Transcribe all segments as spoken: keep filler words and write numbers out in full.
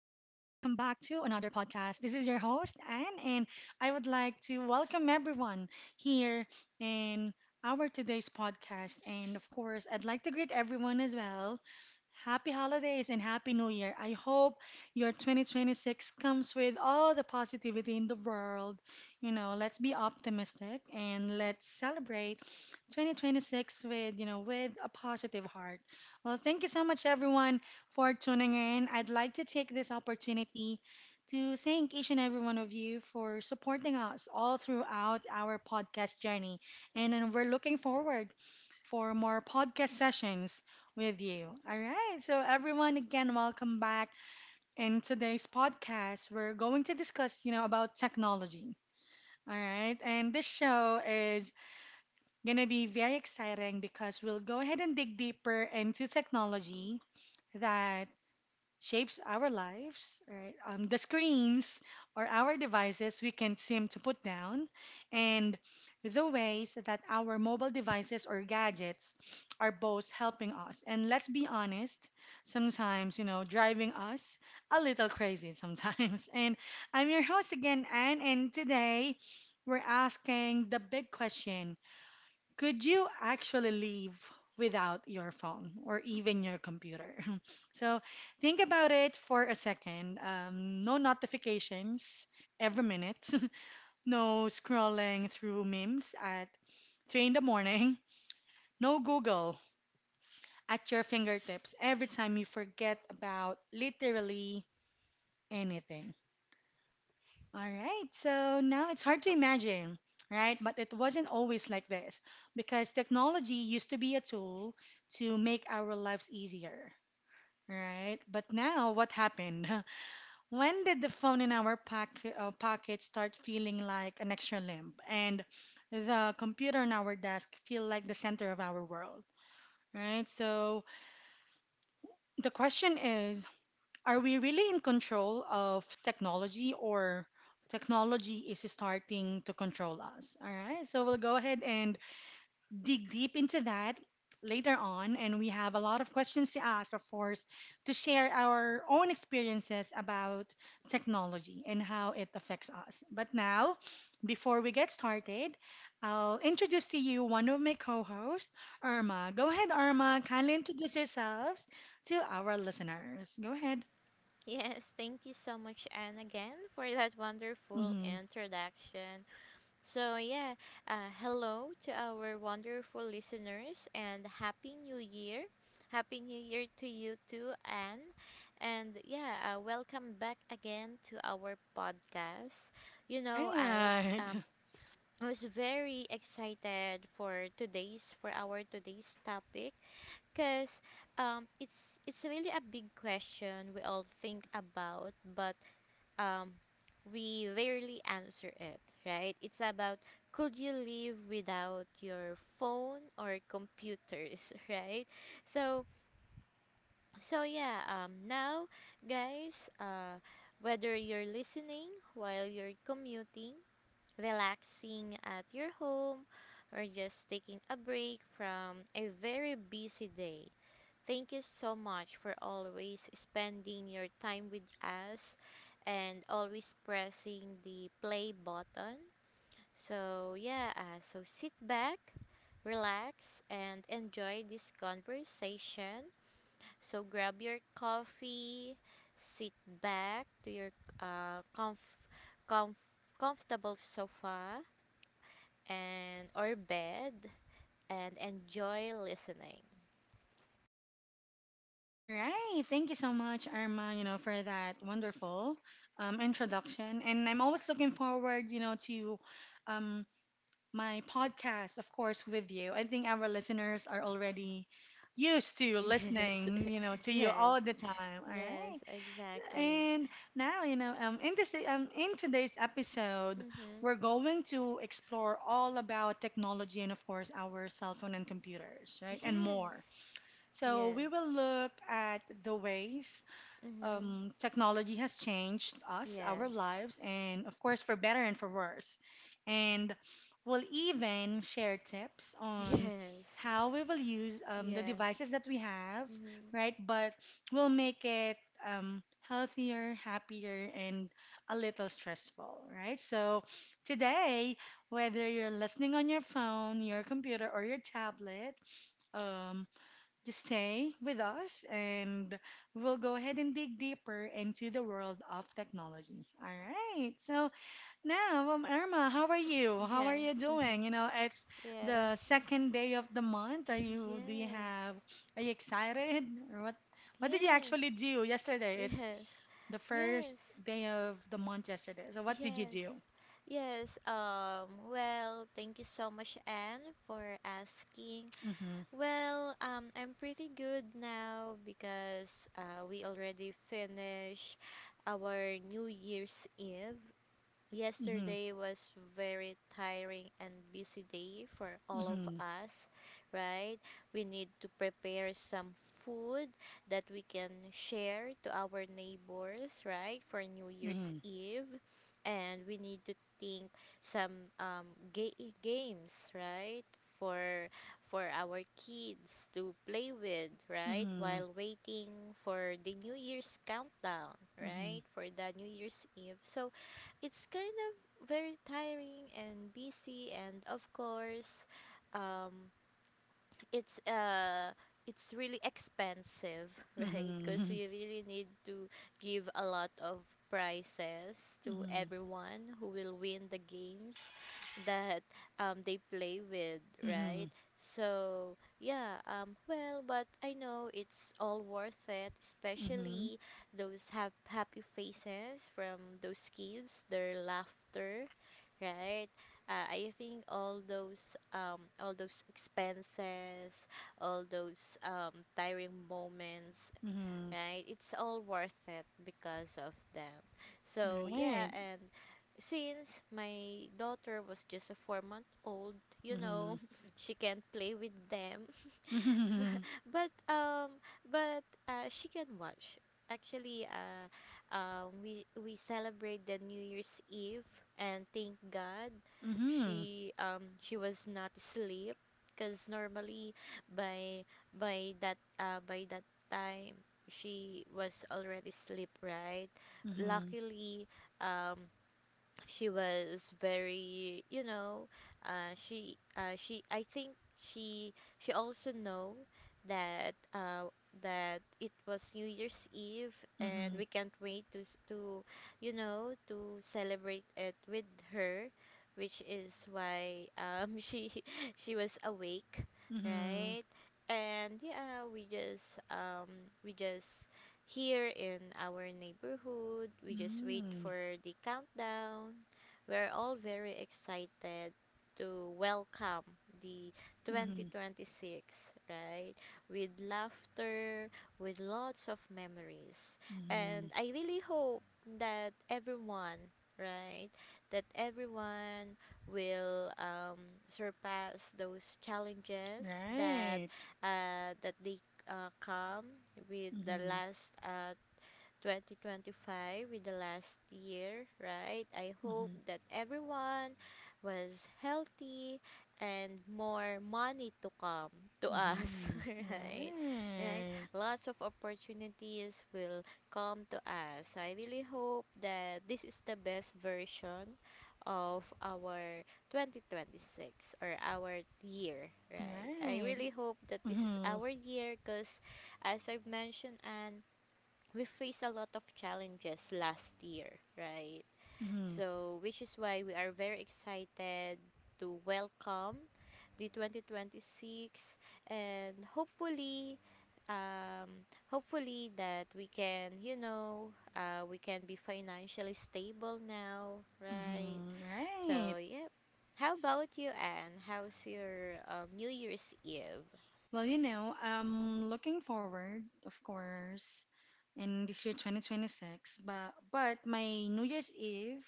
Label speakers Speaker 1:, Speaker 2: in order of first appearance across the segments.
Speaker 1: back to another podcast. This is your host, Anne, and I would like to welcome everyone here in our today's podcast. And of course, I'd like to greet everyone as well. Happy holidays and happy new year. I hope your twenty twenty-six comes with all the positivity in the world. You know, let's be optimistic and let's celebrate twenty twenty-six with, you know, with a positive heart. Well, thank you so much everyone for tuning in. I'd like to take this opportunity to thank each and every one of you for supporting us all throughout our podcast journey. And, and we're looking forward for more podcast sessions with you. All right. So everyone, again, welcome back. In today's podcast, we're going to discuss, you know, about technology. All right. And this show is going to be very exciting because we'll go ahead and dig deeper into technology that shapes our lives, right? Um, the screens or our devices we can't seem to put down, and the ways that our mobile devices or gadgets are both helping us. And let's be honest, sometimes, you know, driving us a little crazy sometimes. And I'm your host again, Anne, and today we're asking the big question, could you actually live without your phone or even your computer? So think about it for a second. Um, no notifications every minute, no scrolling through memes at three in the morning, no Google at your fingertips every time you forget about literally anything. All right, so now it's hard to imagine, right? But it wasn't always like this, because technology used to be a tool to make our lives easier, right? But now what happened? When did the phone in our pack, uh, pocket start feeling like an extra limb, and the computer on our desk feel like the center of our world, right? So the question is, are we really in control of technology, or technology is starting to control us? All right, so we'll go ahead and dig deep into that later on. And we have a lot of questions to ask, of course, to share our own experiences about technology and how it affects us. But now, before we get started, I'll introduce to you one of my co hosts, Irma. Go ahead, Irma, kindly introduce yourselves to our listeners. Go ahead.
Speaker 2: Yes, thank you so much, Anne, again for that wonderful
Speaker 1: Mm-hmm.
Speaker 2: introduction. So, yeah, uh, Hello to our wonderful listeners and Happy New Year. Happy New Year to you too, Anne. And yeah, uh, welcome back again to our podcast. You know, I was
Speaker 1: Right.
Speaker 2: um I was very excited for today's for our today's topic because um, it's it's really a big question we all think about, but um, we rarely answer it, right? It's about could you live without your phone or computers, right? So so yeah, um, Now guys, uh, whether you're listening while you're commuting, relaxing at your home, or just taking a break from a very busy day, thank you so much for always spending your time with us and always pressing the play button. So, yeah, uh, so sit back, relax, and enjoy this conversation. So, grab your coffee, sit back to your uh, comf- comf- comfortable sofa and or bed and enjoy listening.
Speaker 1: All right. Thank you so much, Irma, you know, for that wonderful um, introduction. And I'm always looking forward, you know, to um, my podcast, of course, with you. I think our listeners are already used to
Speaker 2: Yes.
Speaker 1: listening, you know, to you
Speaker 2: Yes.
Speaker 1: all the time. All
Speaker 2: Yes,
Speaker 1: right.
Speaker 2: exactly.
Speaker 1: And now, you know, um, in this um, in today's episode,
Speaker 2: Mhm.
Speaker 1: we're going to explore all about technology and, of course, our cell phone and computers, right, and more.
Speaker 2: Yes.
Speaker 1: So we
Speaker 2: Yes.
Speaker 1: will look at the ways
Speaker 2: Mhm.
Speaker 1: um, technology has changed us, our
Speaker 2: Yes.
Speaker 1: lives, and of course, for better and for worse. And we'll even share tips on
Speaker 2: Yes.
Speaker 1: how we will use um, the
Speaker 2: Yes.
Speaker 1: devices that we have,
Speaker 2: Mhm.
Speaker 1: right? But we'll make it um, healthier, happier, and a little stressful, right? So today, whether you're listening on your phone, your computer, or your tablet, um, just stay with us and we'll go ahead and dig deeper into the world of technology. All right. So now, um, Irma, how are you? How are you
Speaker 2: Yes.
Speaker 1: doing? You know, it's the
Speaker 2: Yes.
Speaker 1: second day of the month. Are you, do you
Speaker 2: Yes.
Speaker 1: have, Are you excited? Or what, what did you actually
Speaker 2: Yes.
Speaker 1: do yesterday? It's the first
Speaker 2: Yes.
Speaker 1: day of the month yesterday. So
Speaker 2: Yes.
Speaker 1: what did you
Speaker 2: Yes.
Speaker 1: do?
Speaker 2: Yes. Um well, thank you so much, Anne, for asking.
Speaker 1: Mm-hmm.
Speaker 2: Well, um, I'm pretty good now because uh, we already finished our New Year's Eve.
Speaker 1: Mm-hmm.
Speaker 2: Yesterday was very tiring and busy day for all of us, right? We need to prepare some food that we can share to our neighbors, right? For New Year's
Speaker 1: Mm-hmm.
Speaker 2: Eve. And we need to think some um ga- games, right? For for our kids to play with, right?
Speaker 1: Mm-hmm.
Speaker 2: While waiting for the New Year's countdown,
Speaker 1: Mm-hmm.
Speaker 2: right? For the New Year's Eve. So it's kind of very tiring and busy, and of course um it's uh it's really expensive,
Speaker 1: Mm-hmm.
Speaker 2: right? Because
Speaker 1: Mm-hmm.
Speaker 2: you really need to give a lot of prizes to
Speaker 1: Mm-hmm.
Speaker 2: everyone who will win the games that um, they play with,
Speaker 1: Mm-hmm.
Speaker 2: right? So yeah, um, well, but I know it's all worth it,
Speaker 1: Mm-hmm.
Speaker 2: especially those have happy faces from those kids, their laughter, right? Uh, I think all those um all those expenses, all those um tiring moments,
Speaker 1: Mhm.
Speaker 2: right? It's all worth it because of them. So yeah.
Speaker 1: Right.
Speaker 2: And since my daughter was just a four month old, you
Speaker 1: Mhm.
Speaker 2: know, she can't play with them.
Speaker 1: Mhm.
Speaker 2: but um but uh, She can watch, actually. Uh um we we celebrate the New Year's Eve, and thank God
Speaker 1: Mhm.
Speaker 2: she um she was not asleep, because normally by by that uh by that time she was already asleep, right?
Speaker 1: Mhm.
Speaker 2: Luckily, um she was very, you know, uh, she uh, she, I think, she she also know that uh, that it was New Year's Eve, and
Speaker 1: Mhm.
Speaker 2: we can't wait to s- to, you know, to celebrate it with her, which is why um she she was awake,
Speaker 1: Mhm.
Speaker 2: right? And yeah, we just um we just here in our neighborhood, we just wait
Speaker 1: Mhm.
Speaker 2: for the countdown. We're all very excited to welcome the
Speaker 1: Mhm.
Speaker 2: twenty twenty-six, right? With laughter, with lots of memories. And
Speaker 1: Mhm.
Speaker 2: I really hope that everyone, right, that everyone will um, surpass those challenges that
Speaker 1: Right.
Speaker 2: uh, that they uh, calm with the
Speaker 1: Mhm.
Speaker 2: last uh, twenty twenty-five, with the last year, right? I hope
Speaker 1: Mhm.
Speaker 2: that everyone was healthy and more money to come to us,
Speaker 1: Mhm.
Speaker 2: right? Right?
Speaker 1: Right.
Speaker 2: Lots of opportunities will come to us. So I really hope that this is the best version of our twenty twenty-six, or our year, right? I
Speaker 1: Right.
Speaker 2: really hope that this is
Speaker 1: Mhm.
Speaker 2: our year, because as I've mentioned, and we faced a lot of challenges last year, right?
Speaker 1: Mhm.
Speaker 2: So, which is why we are very excited to welcome the twenty twenty-six, and hopefully um hopefully that we can, you know, uh we can be financially stable now, right?
Speaker 1: Mhm.
Speaker 2: So
Speaker 1: Right.
Speaker 2: yep. How about you, Anne? How's your um, New Year's Eve?
Speaker 1: Well, you know, I'm looking forward, of course, in this year twenty twenty-six, but but my New Year's Eve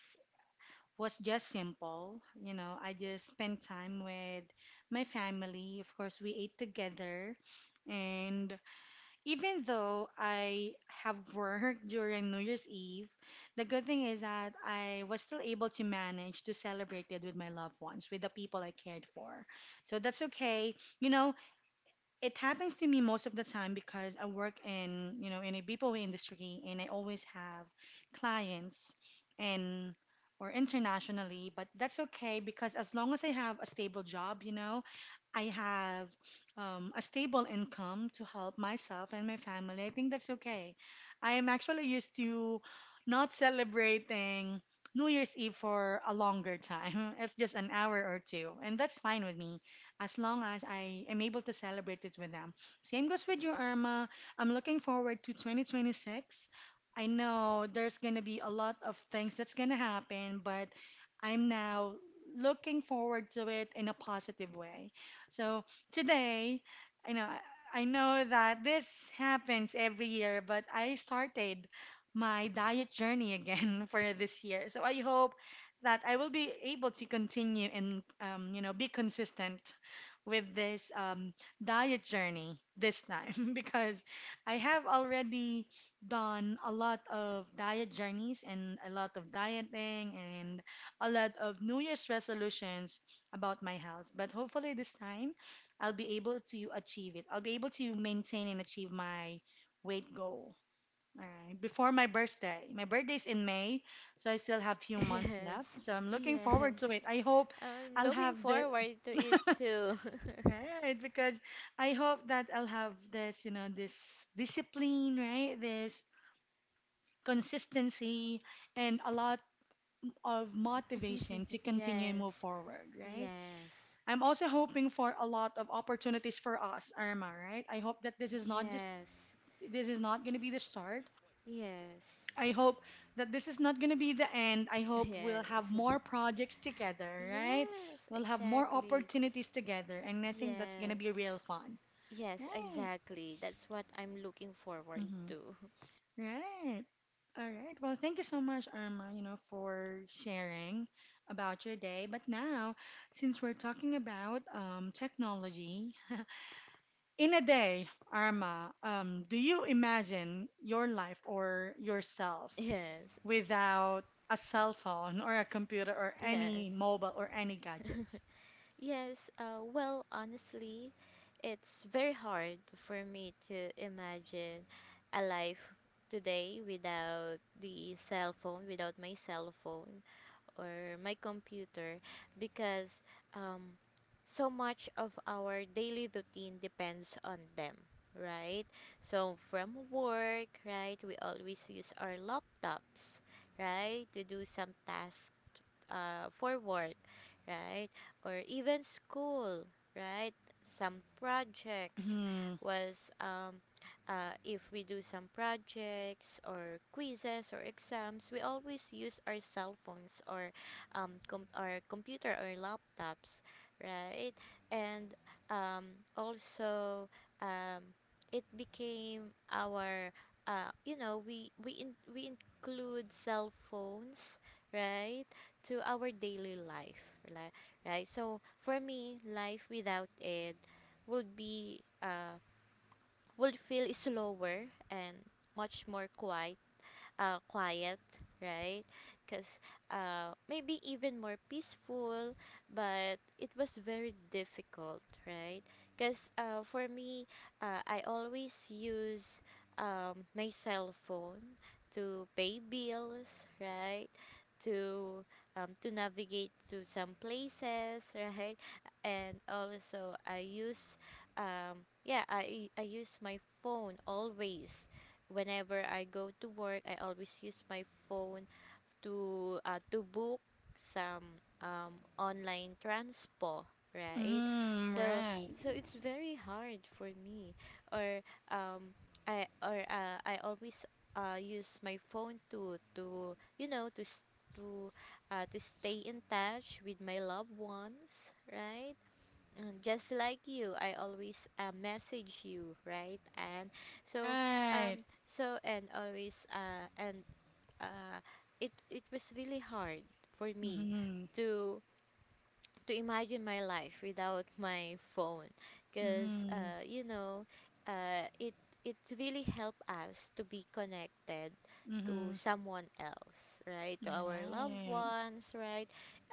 Speaker 1: was just simple. You know, I just spent time with my family. Of course, we ate together. And even though I have worked during New Year's Eve, the good thing is that I was still able to manage to celebrate it with my loved ones, with the people I cared for. So that's okay. You know, it happens to me most of the time because I work in, you know, in a B P O industry and I always have clients and or internationally, but that's okay because as long as I have a stable job, you know, I have um, a stable income to help myself and my family. I think that's okay. I am actually used to not celebrating New Year's Eve for a longer time. It's just an hour or two, and that's fine with me as long as I am able to celebrate it with them. Same goes with you, Irma. I'm looking forward to twenty twenty-six. I know there's going to be a lot of things that's going to happen, but I'm now looking forward to it in a positive way. So today, you know, I know that this happens every year, but I started my diet journey again for this year. So I hope that I will be able to continue and um, you know, be consistent with this um, diet journey this time because I have already done a lot of diet journeys and a lot of dieting and a lot of New Year's resolutions about my health. But hopefully, this time I'll be able to achieve it. I'll be able to maintain and achieve my weight goal. All right, before my birthday. My birthday is in May, so I still have few months
Speaker 2: Yes.
Speaker 1: left. So I'm looking
Speaker 2: Yes.
Speaker 1: forward to it. I hope
Speaker 2: I'm
Speaker 1: I'll
Speaker 2: looking
Speaker 1: have the
Speaker 2: forward to it too.
Speaker 1: right, because I hope that I'll have this, you know, this discipline, right? This consistency and a lot of motivation to continue and
Speaker 2: Yes,
Speaker 1: move forward, right?
Speaker 2: yes,
Speaker 1: I'm also hoping for a lot of opportunities for us, Irma, right? I hope that this is not just
Speaker 2: yes,
Speaker 1: this is not going to be the start.
Speaker 2: yes,
Speaker 1: I hope that this is not going to be the end. I hope we'll have
Speaker 2: yes.
Speaker 1: more projects together, right?
Speaker 2: Yes,
Speaker 1: We'll have more
Speaker 2: exactly.
Speaker 1: opportunities together, and I think that's going to
Speaker 2: Yes,
Speaker 1: be real fun.
Speaker 2: yes,
Speaker 1: Right.
Speaker 2: exactly. That's what I'm looking forward
Speaker 1: Mm-hmm.
Speaker 2: to.
Speaker 1: Right. All right. Well, thank you so much, Irma, you know, for sharing about your day. But now, since we're talking about um, technology, in a day, Irma, um, do you imagine your life or yourself
Speaker 2: Yes,
Speaker 1: without a cell phone or a computer or any
Speaker 2: yes.
Speaker 1: mobile or any gadgets?
Speaker 2: Yes, uh, well, honestly, it's very hard for me to imagine a life today without the cell phone, without my cell phone or my computer, because um, so much of our daily routine depends on them, right? So, from work, right, we always use our laptops, right, to do some tasks, uh, for work, right? Or even school, right? Some projects
Speaker 1: Mm-hmm.
Speaker 2: was um, uh, if we do some projects or quizzes or exams, we always use our cell phones or um, com- our computer or laptops, right? And um, also, um, it became our, uh, you know, we we in- we include cell phones, right, to our daily life, li- right? So for me, life without it would be uh would feel slower and much more quiet, uh, quiet, right? Because uh, maybe even more peaceful, but it was very difficult, right? Because uh, for me, uh, I always use um, my cell phone to pay bills, right? To um, to navigate to some places, right? And also I use um yeah I I use my phone always. Whenever I go to work, I always use my phone to uh, to book some um, online transpo, right?
Speaker 1: Mm-hmm.
Speaker 2: So
Speaker 1: Right.
Speaker 2: so it's very hard for me, or um, I, or uh, I always uh, use my phone to to you know, to s- to uh, to stay in touch with my loved ones, right? Mm, just like you, I always, uh, message you, right? and so
Speaker 1: Right.
Speaker 2: um so And always, uh and uh it it was really hard for me
Speaker 1: Mm-hmm.
Speaker 2: to to imagine my life without my phone, because,
Speaker 1: Mm-hmm.
Speaker 2: uh, you know, uh, it it really helped us to be connected to
Speaker 1: Mm-hmm.
Speaker 2: someone else, right, to our loved
Speaker 1: Right.
Speaker 2: ones, right?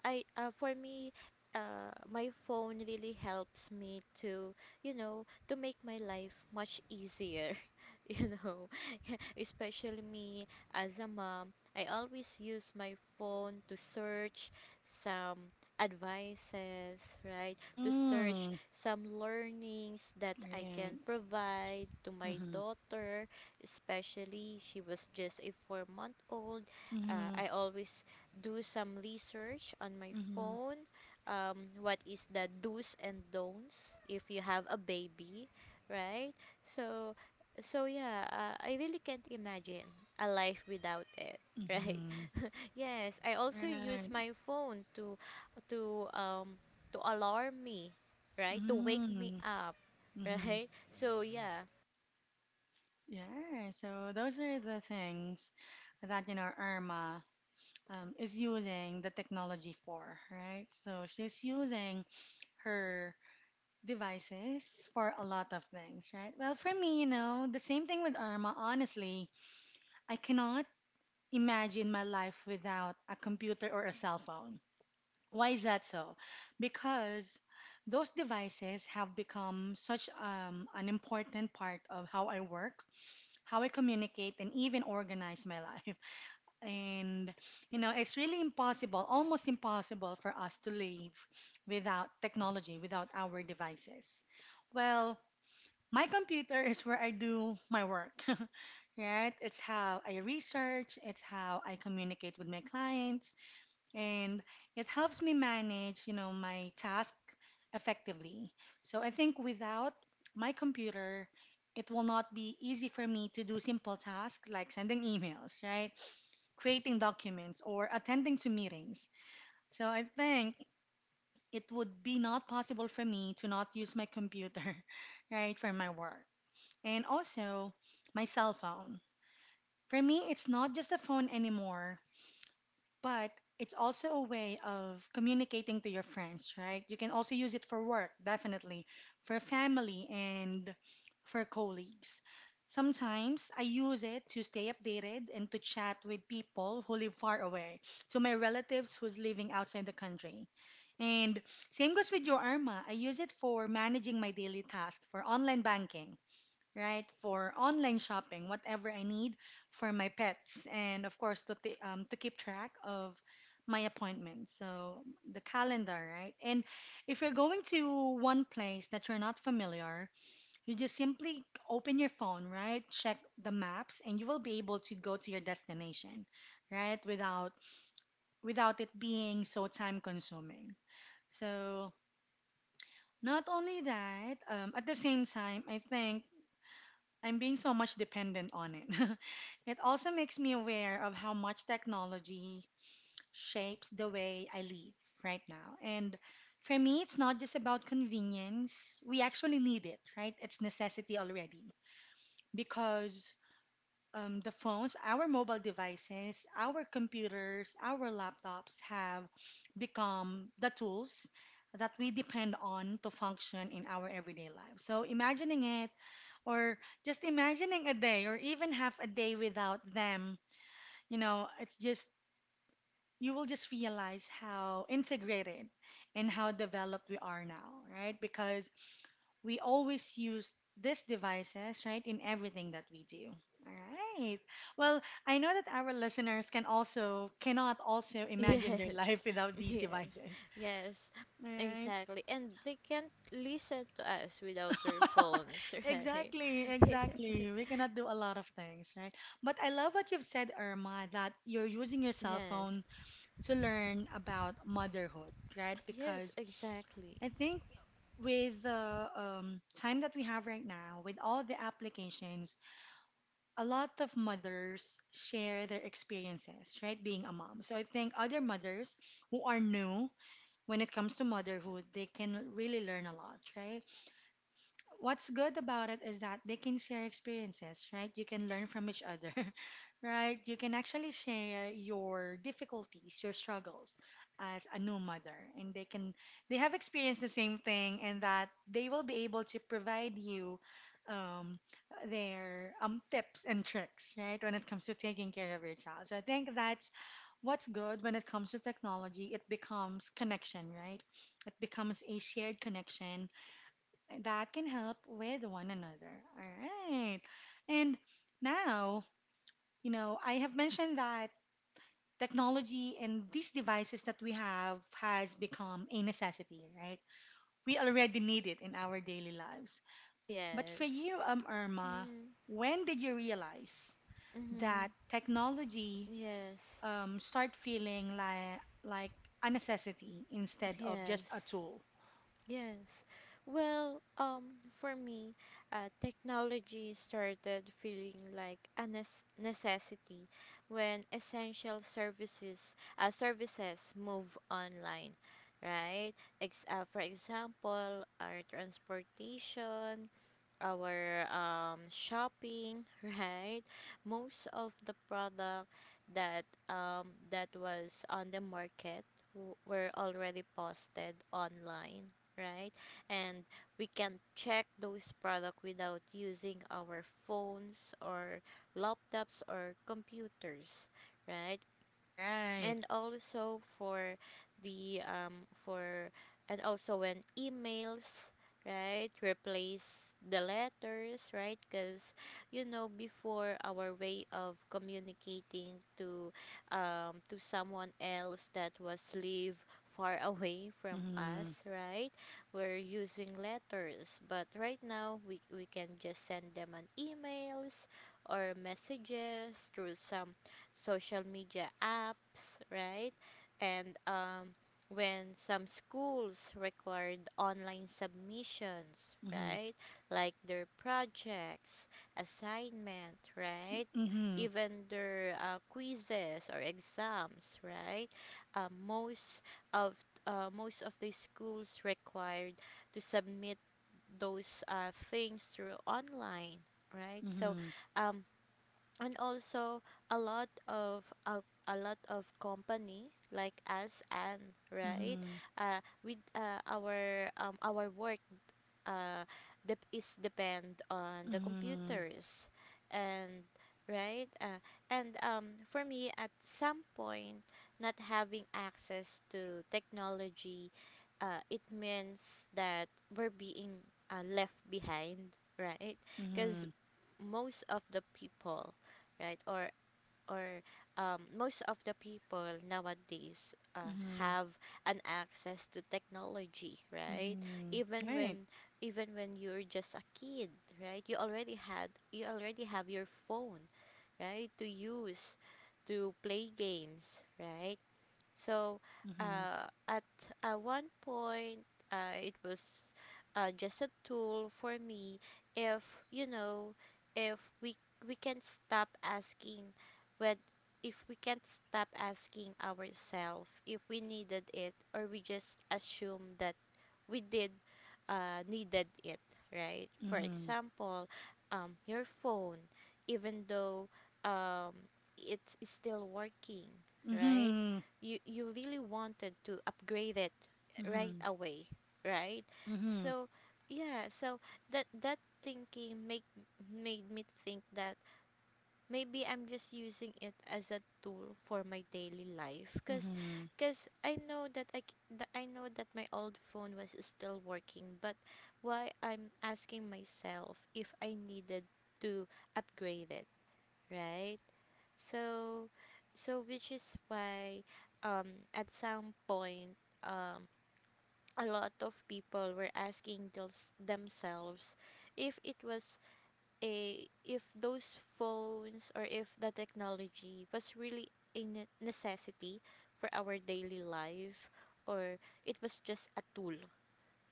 Speaker 2: I uh, For me, uh, my phone really helps me to, you know, to make my life much easier. You know, especially me, as a mom, I always use my phone to search some advices, right? To search
Speaker 1: Mm.
Speaker 2: some learnings that I
Speaker 1: Right.
Speaker 2: can provide to my
Speaker 1: Mhm.
Speaker 2: daughter, especially she was just a four month old. Uh,
Speaker 1: Mhm.
Speaker 2: I always do some research on my
Speaker 1: Mhm.
Speaker 2: phone. Um, what is the do's and don'ts if you have a baby, right? So, so yeah, uh, I really can't imagine a life without it. Right?
Speaker 1: Mhm.
Speaker 2: Yes, I also
Speaker 1: Right.
Speaker 2: use my phone to to um to alarm me, right? To wake me
Speaker 1: Mm.
Speaker 2: up.
Speaker 1: Mhm.
Speaker 2: Right? So yeah.
Speaker 1: Yeah. So those are the things that, you know, Irma um, is using the technology for, right? So she's using her devices for a lot of things, right? Well, for me, you know, the same thing with Irma. Honestly, I cannot imagine my life without a computer or a cell phone. Why is that so? Because those devices have become such um, an important part of how I work, how I communicate, and even organize my life. And, you know, it's really impossible, almost impossible for us to live without technology, without our devices. Well, my computer is where I do my work, right? It's how I research, it's how I communicate with my clients, and it helps me manage, you know, my task effectively. So I think without my computer, it will not be easy for me to do simple tasks like sending emails, right? Creating documents or attending to meetings. So I think it would be not possible for me to not use my computer, right, for my work. And also my cell phone. For me, it's not just a phone anymore. But it's also a way of communicating to your friends, right? You can also use it for work, definitely, for family, and for colleagues. Sometimes I use it to stay updated and to chat with people who live far away, to my relatives who's living outside the country. And same goes with your Arma. I use it for managing my daily tasks, for online banking, right? For online shopping, whatever I need for my pets, and of course to t- um, to keep track of my appointments. So the calendar, right? And if you're going to one place that you're not familiar, you just simply open your phone, right? Check the maps, and you will be able to go to your destination, right? Without without it being so time consuming. So not only that, um, at the same time, I think I'm being so much dependent on it. It also makes me aware of how much technology shapes the way I live right now. And for me, it's not just about convenience. We actually need it, right? It's necessity already because um, the phones, our mobile devices, our computers, our laptops have become the tools that we depend on to function in our everyday lives. So imagining it or just imagining a day or even half a day without them, you know it's just, you will just realize how integrated and how developed we are now, right? Because we always use these devices, right, in everything that we do. All right, well, I know that our listeners can also cannot also imagine their
Speaker 2: Yes.
Speaker 1: life without these
Speaker 2: Yes.
Speaker 1: devices,
Speaker 2: Yes.
Speaker 1: right?
Speaker 2: Exactly. And they can't listen to us without their phones, right?
Speaker 1: Exactly,
Speaker 2: Yes.
Speaker 1: exactly. We cannot do a lot of things, right? But I love what you've said, Irma, that you're using your cell
Speaker 2: Yes.
Speaker 1: phone to learn about motherhood, right?
Speaker 2: Yes,
Speaker 1: Because
Speaker 2: exactly.
Speaker 1: I think with the um, time that we have right now, with all the applications, a lot of mothers share their experiences, right? Being a mom. So I think other mothers who are new when it comes to motherhood, they can really learn a lot, right? What's good about it is that they can share experiences, right? You can learn from each other, right? You can actually share your difficulties, your struggles as a new mother, and they can, they have experienced the same thing, and that they will be able to provide you um, their um, tips and tricks, right? When it comes to taking care of your child, so I think that's what's good when it comes to technology. It becomes connection, right? It becomes a shared connection that can help with one another. All right. And now, you know, I have mentioned that technology and these devices that we have has become a necessity, right? We already need it in our daily lives. But for
Speaker 2: Yes.
Speaker 1: you, um, Irma,
Speaker 2: Mm-hmm.
Speaker 1: when did you realize
Speaker 2: Mm-hmm.
Speaker 1: that technology
Speaker 2: Yes.
Speaker 1: um, start feeling like like a necessity instead of just a
Speaker 2: Yes.
Speaker 1: tool?
Speaker 2: Yes. Well, um, for me, uh, technology started feeling like a nes- necessity when essential services uh, services move online, right? Ex- uh, for example, our transportation, our um, shopping, right? Most of the product that um, that was on the market w- were already posted online, right? And we can check those products without using our phones or laptops or computers, right?
Speaker 1: Right.
Speaker 2: and also for the um for and Also, when emails, right, replace the letters, right? Because, you know, before our way of communicating to um to someone else that was live far away from
Speaker 1: Mm-hmm.
Speaker 2: us, right, we're using letters, but right now we we can just send them an emails or messages through some social media apps, right? And um, when some schools required online submissions,
Speaker 1: Mm-hmm.
Speaker 2: right? Like their projects, assignment, right?
Speaker 1: Mm-hmm.
Speaker 2: Even their uh, quizzes or exams, right? Uh, most of uh, Most of the schools required to submit those uh, things through online, right? So,
Speaker 1: Mm-hmm.
Speaker 2: um, and also a lot of a, a lot of company like us, and right
Speaker 1: Mm-hmm.
Speaker 2: uh, with uh, our um, our work, uh, dep is depend on the
Speaker 1: Mm-hmm.
Speaker 2: computers and, right, uh, and um, for me, at some point, not having access to technology, uh, it means that we're being, uh, left behind, right? Because
Speaker 1: Mm-hmm.
Speaker 2: most of the people, right, Or or um, most of the people nowadays uh,
Speaker 1: Mm-hmm.
Speaker 2: have an access to technology, right?
Speaker 1: Mm-hmm.
Speaker 2: Even
Speaker 1: Right.
Speaker 2: when Even when you're just a kid, right? You already had you already have your phone, right? To use, to play games, right? So
Speaker 1: Mm-hmm.
Speaker 2: uh, at uh, one point, uh, it was, uh, just a tool for me. If, you know, if we we can stop asking, when if we can't stop asking ourselves if we needed it, or we just assume that we did uh, needed it, right? For
Speaker 1: Mm-hmm.
Speaker 2: example, um, your phone, even though um, it's still working, right?
Speaker 1: Mm-hmm.
Speaker 2: You you really wanted to upgrade it right
Speaker 1: Mm-hmm.
Speaker 2: away, right?
Speaker 1: Mm-hmm.
Speaker 2: So yeah, so that that thinking make made me think that maybe I'm just using it as a tool for my daily life cuz
Speaker 1: Mm-hmm.
Speaker 2: cuz I know that I c- that I know that my old phone was still working but why I'm asking myself if I needed to upgrade it, right? So so which is why, um at some point, um a lot of people were asking thels- themselves if it was a, if those phones or if the technology was really a ne- necessity for our daily life, or it was just a tool,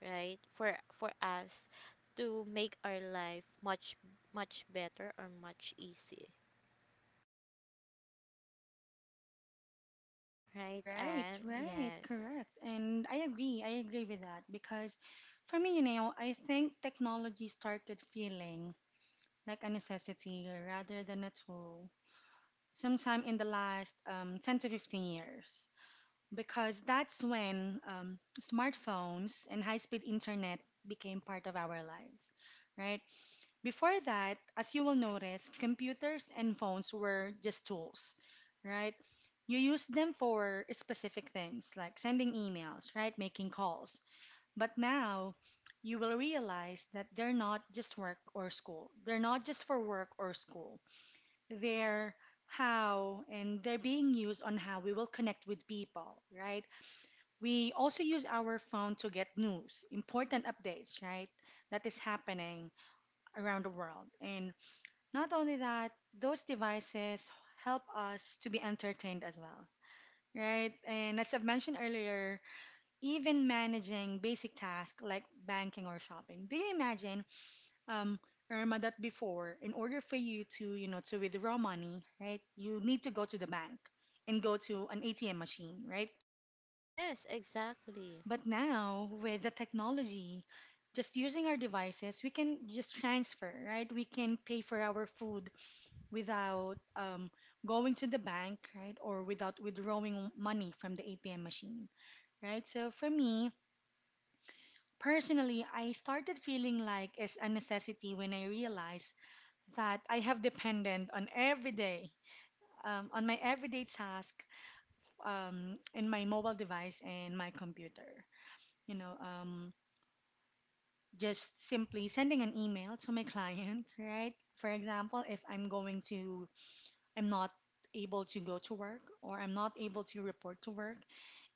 Speaker 2: right? For for us to make our life much much better or much easy, right?
Speaker 1: Right,
Speaker 2: And
Speaker 1: right,
Speaker 2: yes,
Speaker 1: correct. And I agree. I agree with that because for me, you know, I think technology started feeling like a necessity rather than a tool sometime in the last um, ten to fifteen years, because that's when um, smartphones and high-speed internet became part of our lives, right? Before that, as you will notice, computers and phones were just tools, right? You use them for specific things like sending emails, right? Making calls. But now you will realize that they're not just work or school. They're not just for work or school. They're how and they're being used on how we will connect with people, right? We also use our phone to get news, important updates, right? That is happening around the world. And not only that, those devices help us to be entertained as well, right? And as I've mentioned earlier, even managing basic tasks like banking or shopping. Do you imagine, um, Irma, that before, in order for you to, you know, to withdraw money, right, you need to go to the bank and go to an A T M machine, right?
Speaker 2: yes, exactly,
Speaker 1: But now, with the technology, just using our devices, we can just transfer, right? We can pay for our food without um, going to the bank, right? Or without withdrawing money from the A T M machine, right? So for me, personally, I started feeling like it's a necessity when I realized that I have dependent on every day, um, on my everyday task, um, in my mobile device and my computer. You know, um, just simply sending an email to my client, right? For example, if I'm going to, I'm not able to go to work or I'm not able to report to work.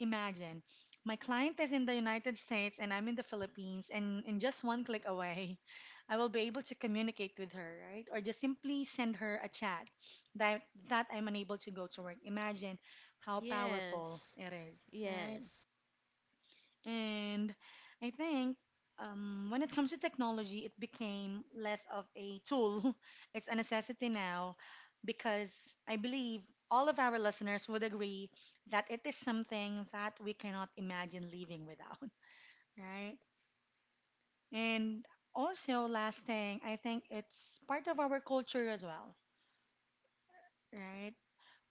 Speaker 1: Imagine my client is in the United States and I'm in the Philippines, and in just one click away, I will be able to communicate with her, right? Or just simply send her a chat that, that I'm unable to go to work. Imagine how powerful
Speaker 2: yes,
Speaker 1: it is, right?
Speaker 2: yes.
Speaker 1: And I think um, when it comes to technology, it became less of a tool. It's a necessity now because I believe all of our listeners would agree that it is something that we cannot imagine living without, right? And also, last thing, I think it's part of our culture as well, right?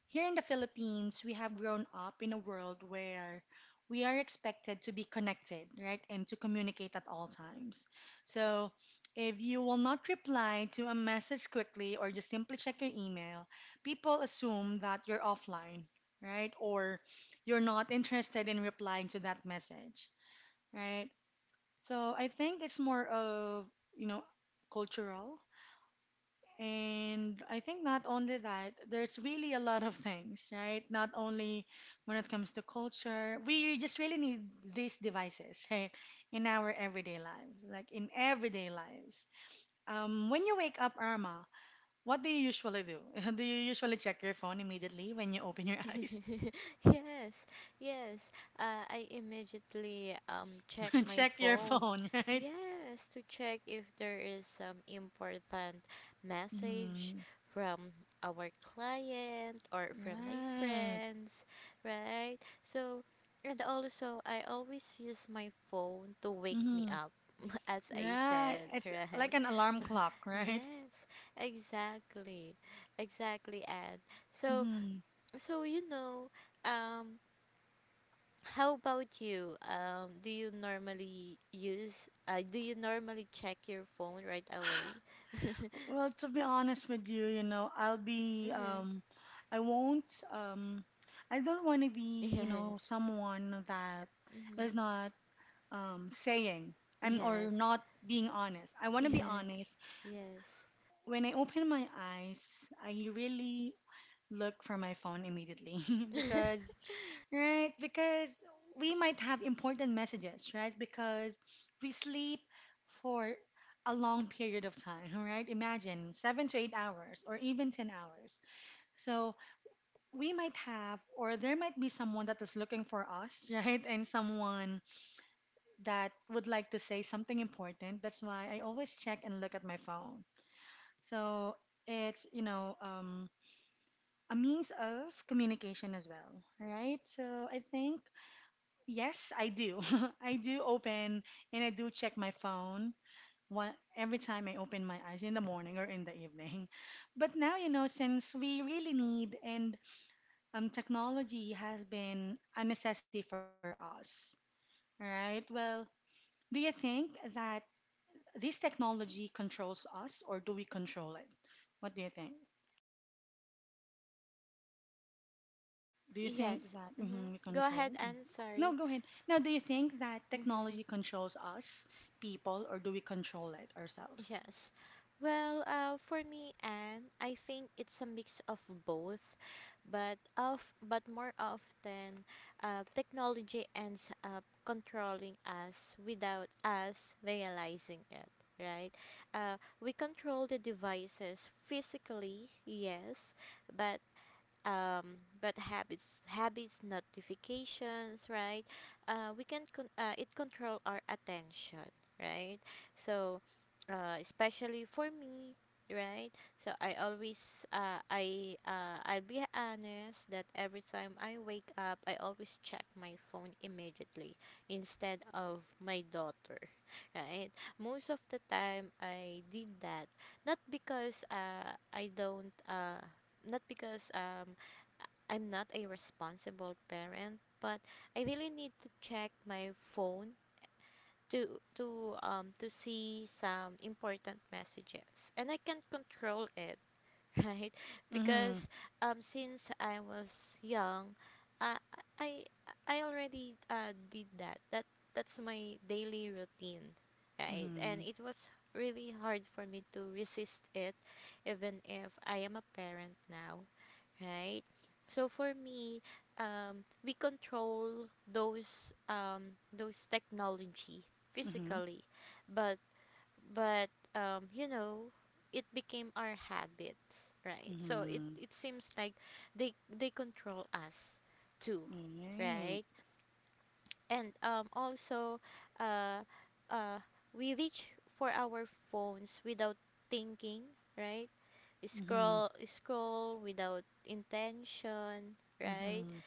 Speaker 1: Here in the Philippines, we have grown up in a world where we are expected to be connected, right, and to communicate at all times. So, if you will not reply to a message quickly or just simply check your email, people assume that you're offline, right, or you're not interested in replying to that message, right? So, I think it's more of, you know, cultural, and I think not only that, there's really a lot of things, right? Not only when it comes to culture, we just really need these devices, right? In our everyday lives, like in everyday lives. Um, when you wake up, Irma, what do you usually do? Do you usually check your phone immediately when you open your eyes?
Speaker 2: Yes, yes. Uh, I immediately um check my
Speaker 1: Check your
Speaker 2: phone.
Speaker 1: phone, right?
Speaker 2: Yes, to check if there is some important message
Speaker 1: Mm,
Speaker 2: from our client or from my
Speaker 1: right.
Speaker 2: friends, right? So, and also I always use my phone to wake me
Speaker 1: Mm,
Speaker 2: up, as I
Speaker 1: right.
Speaker 2: said,
Speaker 1: It's like
Speaker 2: right?
Speaker 1: an alarm clock, right?
Speaker 2: Yes, exactly, exactly, and so.
Speaker 1: Mm-hmm.
Speaker 2: So, you know, um, how about you? Um, do you normally use, uh, do you normally check your phone right away?
Speaker 1: Well, to be honest with you, you know, I'll be,
Speaker 2: Mm-hmm.
Speaker 1: um, I won't, um, I don't want to be, you
Speaker 2: Yes.
Speaker 1: know, someone that is
Speaker 2: Mm-hmm.
Speaker 1: not, um, saying and or
Speaker 2: Yes.
Speaker 1: not being honest. I want to be
Speaker 2: Yes.
Speaker 1: honest.
Speaker 2: Yes.
Speaker 1: When I open my eyes, I really look for my phone immediately because, right, because we might have important messages, right? Because we sleep for a long period of time, right? Imagine seven to eight hours or even ten hours. So we might have, or there might be someone that is looking for us, right? And someone that would like to say something important. That's why I always check and look at my phone. So it's, you know, um, a means of communication as well, right? So I think, yes, I do. I do open and I do check my phone one, every time I open my eyes in the morning or in the evening. But now, you know, since we really need and um, technology has been a necessity for us, right? Well, do you think that this technology controls us or do we control it? What do you think? Do you think
Speaker 2: Yes.
Speaker 1: that mhm, we
Speaker 2: Mm-hmm. Go ahead,
Speaker 1: control? Mhm.
Speaker 2: Anne.
Speaker 1: No,
Speaker 2: Sorry.
Speaker 1: go ahead. Now, do you think that
Speaker 2: Mm-hmm.
Speaker 1: technology controls us, people, or do we control it ourselves?
Speaker 2: Yes. Well, uh, for me, and I think it's a mix of both, but of but more often, uh, technology ends up controlling us without us realizing it. Right? Uh, we control the devices physically, yes, but um, but habits, habits, notifications, right? Uh, we can con- uh, it control our attention, right? So, uh, especially for me, right? So I always, uh, I, uh, I'll be honest that every time I wake up, I always check my phone immediately instead of my daughter, right? Most of the time, I did that not because uh, I don't uh, not because um I'm not a responsible parent, but I really need to check my phone to to um to see some important messages. And I can't control it, right?
Speaker 1: Mm-hmm.
Speaker 2: Because um since I was young, uh, I I already uh, did that. That that's my daily routine, right? And
Speaker 1: Mm-hmm.
Speaker 2: it was really hard for me to resist it even if I am a parent now, right? So for me, um, we control those um, those technology
Speaker 1: Mm-hmm.
Speaker 2: physically, but but um, you know, it became our habits, right? So it, it seems like they they control us too,
Speaker 1: Mm-hmm. Right.
Speaker 2: right? And um, also, uh, uh, we reach for our phones without thinking, right?
Speaker 1: Mm-hmm.
Speaker 2: scroll scroll without intention, right?
Speaker 1: Mm-hmm.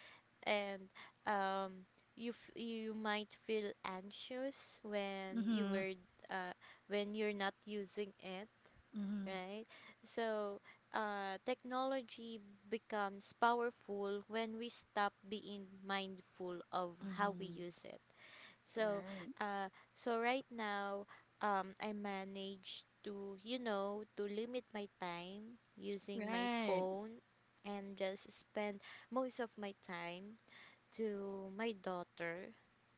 Speaker 2: And um you f- you might feel anxious when you
Speaker 1: Mm-hmm.
Speaker 2: were, uh, when you're not using it,
Speaker 1: Mm-hmm.
Speaker 2: right? So uh, technology becomes powerful when we stop being mindful of how we
Speaker 1: Mm-hmm.
Speaker 2: use it. So,
Speaker 1: Right.
Speaker 2: uh, so right now, um, I manage to, you know, to limit my time using my
Speaker 1: Right.
Speaker 2: phone and just spend most of my time to my daughter,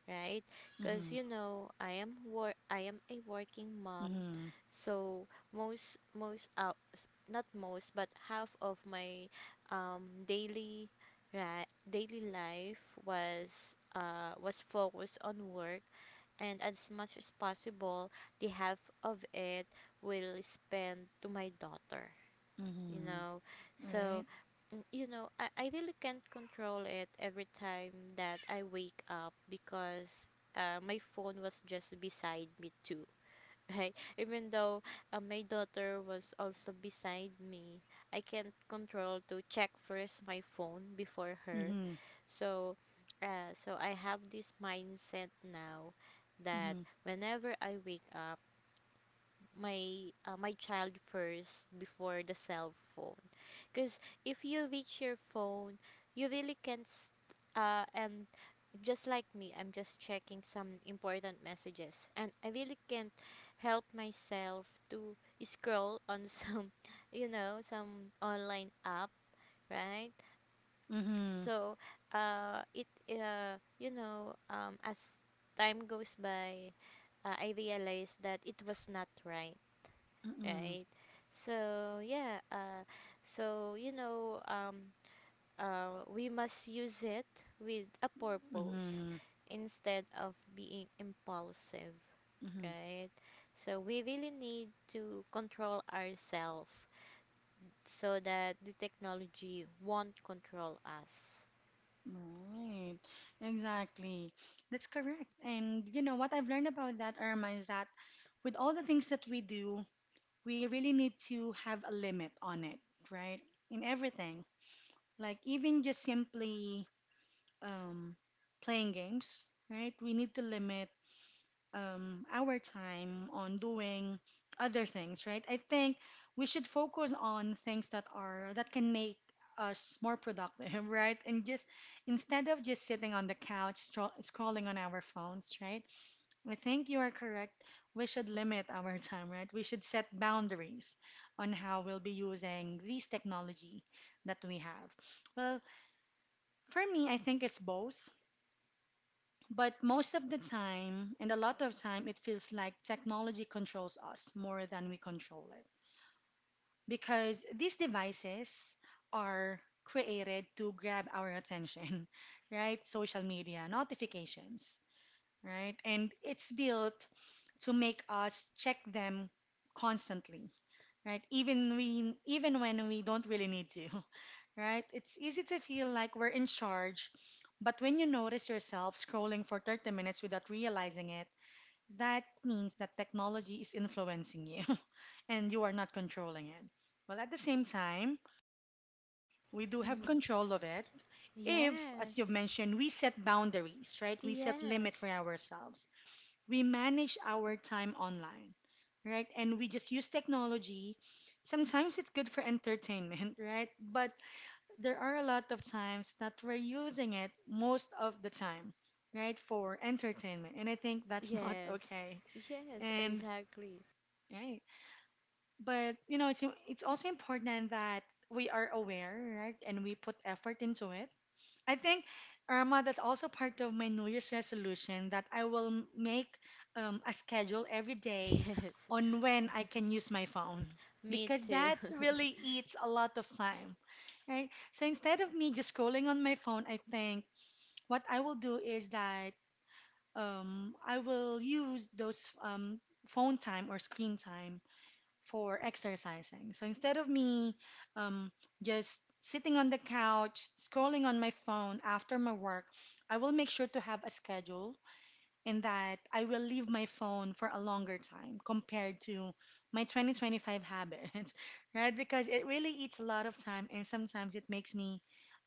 Speaker 2: right? Because
Speaker 1: Mm-hmm.
Speaker 2: you know, I am wor- I am a working mom,
Speaker 1: Mm-hmm.
Speaker 2: so most most out not most but half of my um daily, right, daily life was uh was focused on work, and as much as possible the half of it will spend to my daughter, you
Speaker 1: Mm-hmm.
Speaker 2: know. So
Speaker 1: Right.
Speaker 2: mm, you know, I, I really can't control it every time that I wake up because uh, my phone was just beside me too, right? Even though uh, my daughter was also beside me, I can't control to check first my phone before her.
Speaker 1: Mm-hmm.
Speaker 2: So uh, so I have this mindset now that
Speaker 1: Mm-hmm.
Speaker 2: whenever I wake up, my uh, my child first before the cell phone, because if you reach your phone you really can't s- uh, and Just like me, I'm just checking some important messages and I really can't help myself to scroll on some, you know, some online app, right?
Speaker 1: Mm-hmm.
Speaker 2: So uh it uh you know, um as time goes by, uh, I realized that it was not right,
Speaker 1: Mm-hmm.
Speaker 2: right? So yeah, uh, so you know, um, uh, we must use it with a purpose
Speaker 1: Mm-hmm.
Speaker 2: instead of being impulsive,
Speaker 1: Mm-hmm.
Speaker 2: right? So we really need to control ourselves so that the technology won't control us.
Speaker 1: Right, exactly. That's correct. And you know what I've learned about that, Irma, is that with all the things that we do, we really need to have a limit on it, right? In everything. Like even just simply um, playing games, right? We need to limit um, our time on doing other things, right? I think we should focus on things that are that can make us more productive, right? And just instead of just sitting on the couch stro- scrolling on our phones, right? I think you are correct. We should limit our time, right? We should set boundaries on how we'll be using these technology that we have. Well, for me, I think it's both. But most of the time, and a lot of time, it feels like technology controls us more than we control it. Because these devices are created to grab our attention, right? Social media, notifications, right? And it's built to make us check them constantly, right? Even we even when we don't really need to, right? It's easy to feel like we're in charge, but when you notice yourself scrolling for thirty minutes without realizing it, that means that technology is influencing you and you are not controlling it. Well, at the same time, we do have control of it if, as you've
Speaker 2: Yes,
Speaker 1: mentioned, we set boundaries, right? We set limit
Speaker 2: yes,
Speaker 1: for ourselves. We manage our time online, right? And we just use technology. Sometimes it's good for entertainment, right? But there are a lot of times that we're using it most of the time, right? For entertainment. And I think that's not
Speaker 2: yes,
Speaker 1: okay.
Speaker 2: yes,
Speaker 1: And
Speaker 2: exactly.
Speaker 1: right. But you know, it's it's also important that we are aware, right? And we put effort into it. I think, Irma, that's also part of my New Year's resolution that I will m- make um, a schedule every day
Speaker 2: Yes,
Speaker 1: on when I can use my phone
Speaker 2: me
Speaker 1: because
Speaker 2: too.
Speaker 1: that really eats a lot of time, right? So instead of me just scrolling on my phone, I think what I will do is that um, I will use those um, phone time or screen time for exercising. So instead of me um, just sitting on the couch, scrolling on my phone after my work, I will make sure to have a schedule in that I will leave my phone for a longer time compared to my twenty twenty-five habits, right? Because it really eats a lot of time and sometimes it makes me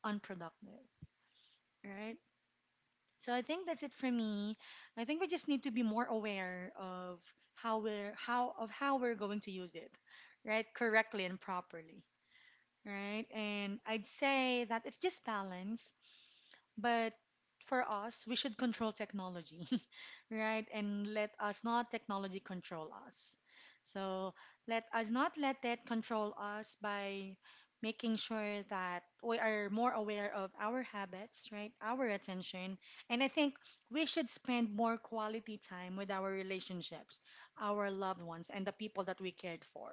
Speaker 1: unproductive, right? So I think that's it for me. I think we just need to be more aware of how we're how of how we're going to use it, right? Correctly and properly, right? And I'd say that it's just balance. But for us, we should control technology, right? And let us not technology control us. So let us not let that control us by making sure that we are more aware of our habits, right? Our attention. And I think we should spend more quality time with our relationships, our loved ones, and the people that we cared for,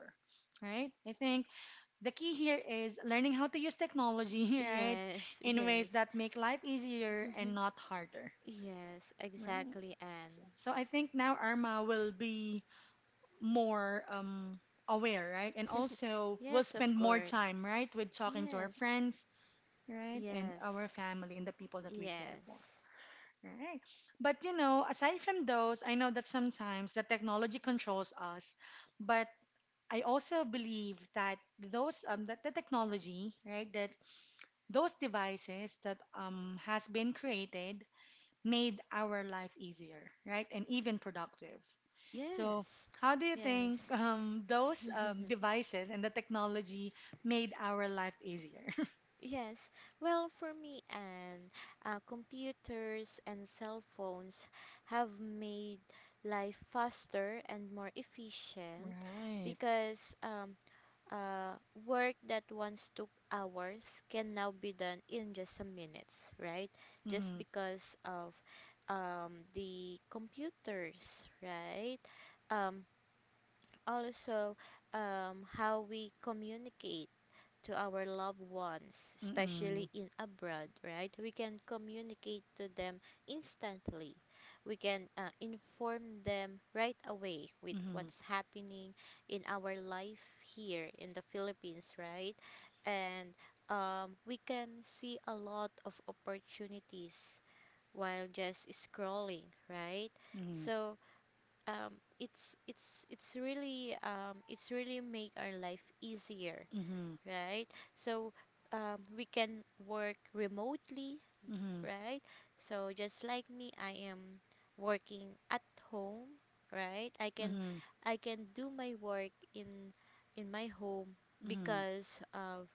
Speaker 1: right? I think the key here is learning how to use technology, right,
Speaker 2: Yes,
Speaker 1: in ways
Speaker 2: yes.
Speaker 1: that make life easier and
Speaker 2: Mhm.
Speaker 1: not harder,
Speaker 2: Yes,
Speaker 1: right?
Speaker 2: exactly,
Speaker 1: So,
Speaker 2: Anne.
Speaker 1: so I think now Arma will be more um, aware, right? And also will
Speaker 2: Yes, of
Speaker 1: spend more
Speaker 2: course.
Speaker 1: time, right, with talking to our
Speaker 2: Yes,
Speaker 1: friends, right, and
Speaker 2: yes,
Speaker 1: our family and the people that we care for.
Speaker 2: yes,
Speaker 1: Right. But you know, aside from those, I know that sometimes the technology controls us, but I also believe that those um that the technology, right, that those devices that um, has been created made our life easier, right? And even productive. So,
Speaker 2: yes,
Speaker 1: how do you think
Speaker 2: yes.
Speaker 1: um, those um, devices and the technology made our life easier?
Speaker 2: Yes, well, for me, Anne, uh, computers and cell phones have made life faster and more efficient
Speaker 1: Right.
Speaker 2: because um, uh, work that once took hours can now be done in just some minutes, right? Just
Speaker 1: Mm-hmm.
Speaker 2: because of um, the computers, right? Um, Also, um, how we communicate to our loved ones,
Speaker 1: Mm-hmm.
Speaker 2: especially in abroad, right? We can communicate to them instantly. We can uh, inform them right away with
Speaker 1: Mm-hmm.
Speaker 2: what's happening in our life here in the Philippines, right? And um, we can see a lot of opportunities while just scrolling, right? So um, it's it's it's really um, it's really make our life easier,
Speaker 1: Mm-hmm.
Speaker 2: right? So um, we can work remotely,
Speaker 1: Mm-hmm.
Speaker 2: right? So just like me, I am working at home, right? I
Speaker 1: Mm-hmm.
Speaker 2: can
Speaker 1: Mm-hmm.
Speaker 2: I can do my work in in my home
Speaker 1: Mm-hmm.
Speaker 2: because of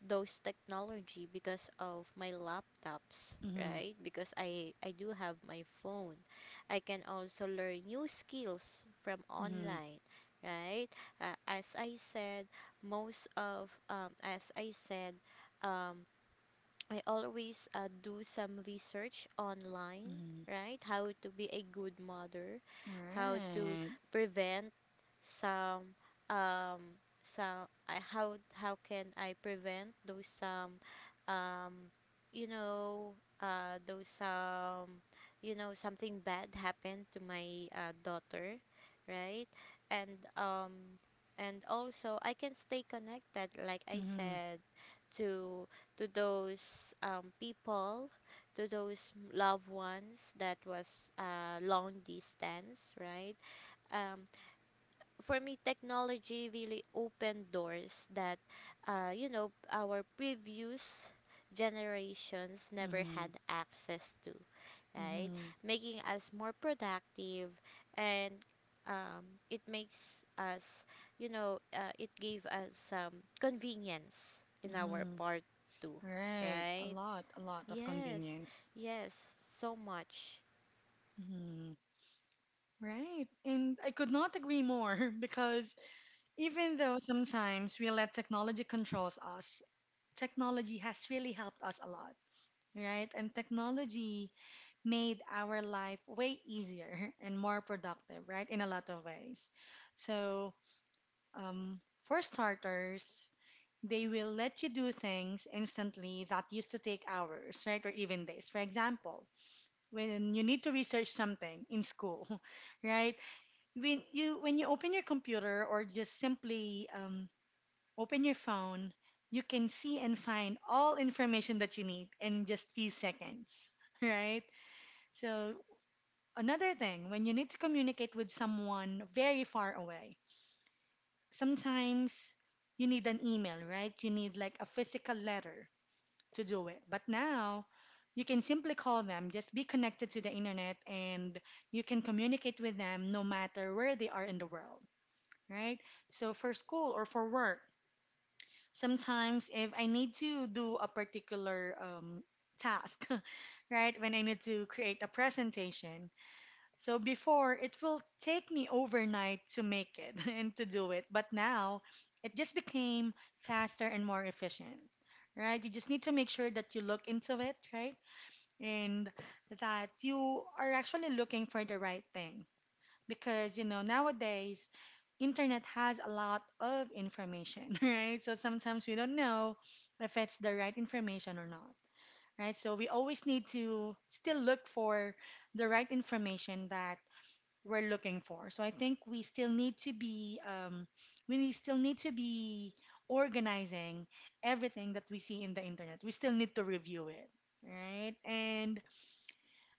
Speaker 2: those technology, because of my laptops,
Speaker 1: Mm-hmm.
Speaker 2: right? Because i i do have my phone, I can also learn new skills from
Speaker 1: Mm-hmm.
Speaker 2: online, right? Uh, as I said, most of um, as I said um, I always uh, do some research online,
Speaker 1: Mm-hmm.
Speaker 2: right? How to be a good mother, how to
Speaker 1: Right.
Speaker 2: prevent some um some I how how can I prevent those some, um you know uh those some, you know, something bad happened to my uh, daughter, right? And um and also I can stay connected, like I
Speaker 1: Mm-hmm.
Speaker 2: said, to to those um, people, to those m- loved ones that was uh, long distance, right? Um, for me, technology really opened doors that, uh, you know, our previous generations never
Speaker 1: Mm-hmm.
Speaker 2: had access to, right?
Speaker 1: Mm-hmm.
Speaker 2: Making us more productive, and um, it makes us, you know, uh, it gave us some convenience in our
Speaker 1: Mm-hmm.
Speaker 2: part too,
Speaker 1: Right. A
Speaker 2: right?
Speaker 1: lot, a lot of
Speaker 2: Yes,
Speaker 1: convenience.
Speaker 2: yes, so much.
Speaker 1: Mhm. Right. And I could not agree more because even though sometimes we let technology controls us, technology has really helped us a lot, right? And technology made our life way easier and more productive, right? In a lot of ways. So, um, for starters, they will let you do things instantly that used to take hours, right? Or even days. For example, when you need to research something in school, right? when you when you open your computer or just simply um, open your phone, you can see and find all information that you need in just few seconds, right? So another thing, when you need to communicate with someone very far away, sometimes you need an email, right? You need like a physical letter to do it. But now you can simply call them, just be connected to the internet, and you can communicate with them no matter where they are in the world, right? So for school or for work, sometimes if I need to do a particular um, task, right? When I need to create a presentation. So before, it will take me overnight to make it and to do it. But now, it just became faster and more efficient, right? You just need to make sure that you look into it, right? And that you are actually looking for the right thing, because you know nowadays internet has a lot of information, right? So sometimes we don't know if it's the right information or not, right? So we always need to still look for the right information that we're looking for. So I think we still need to be um, we still need to be organizing everything that we see in the internet. We still need to review it, right? And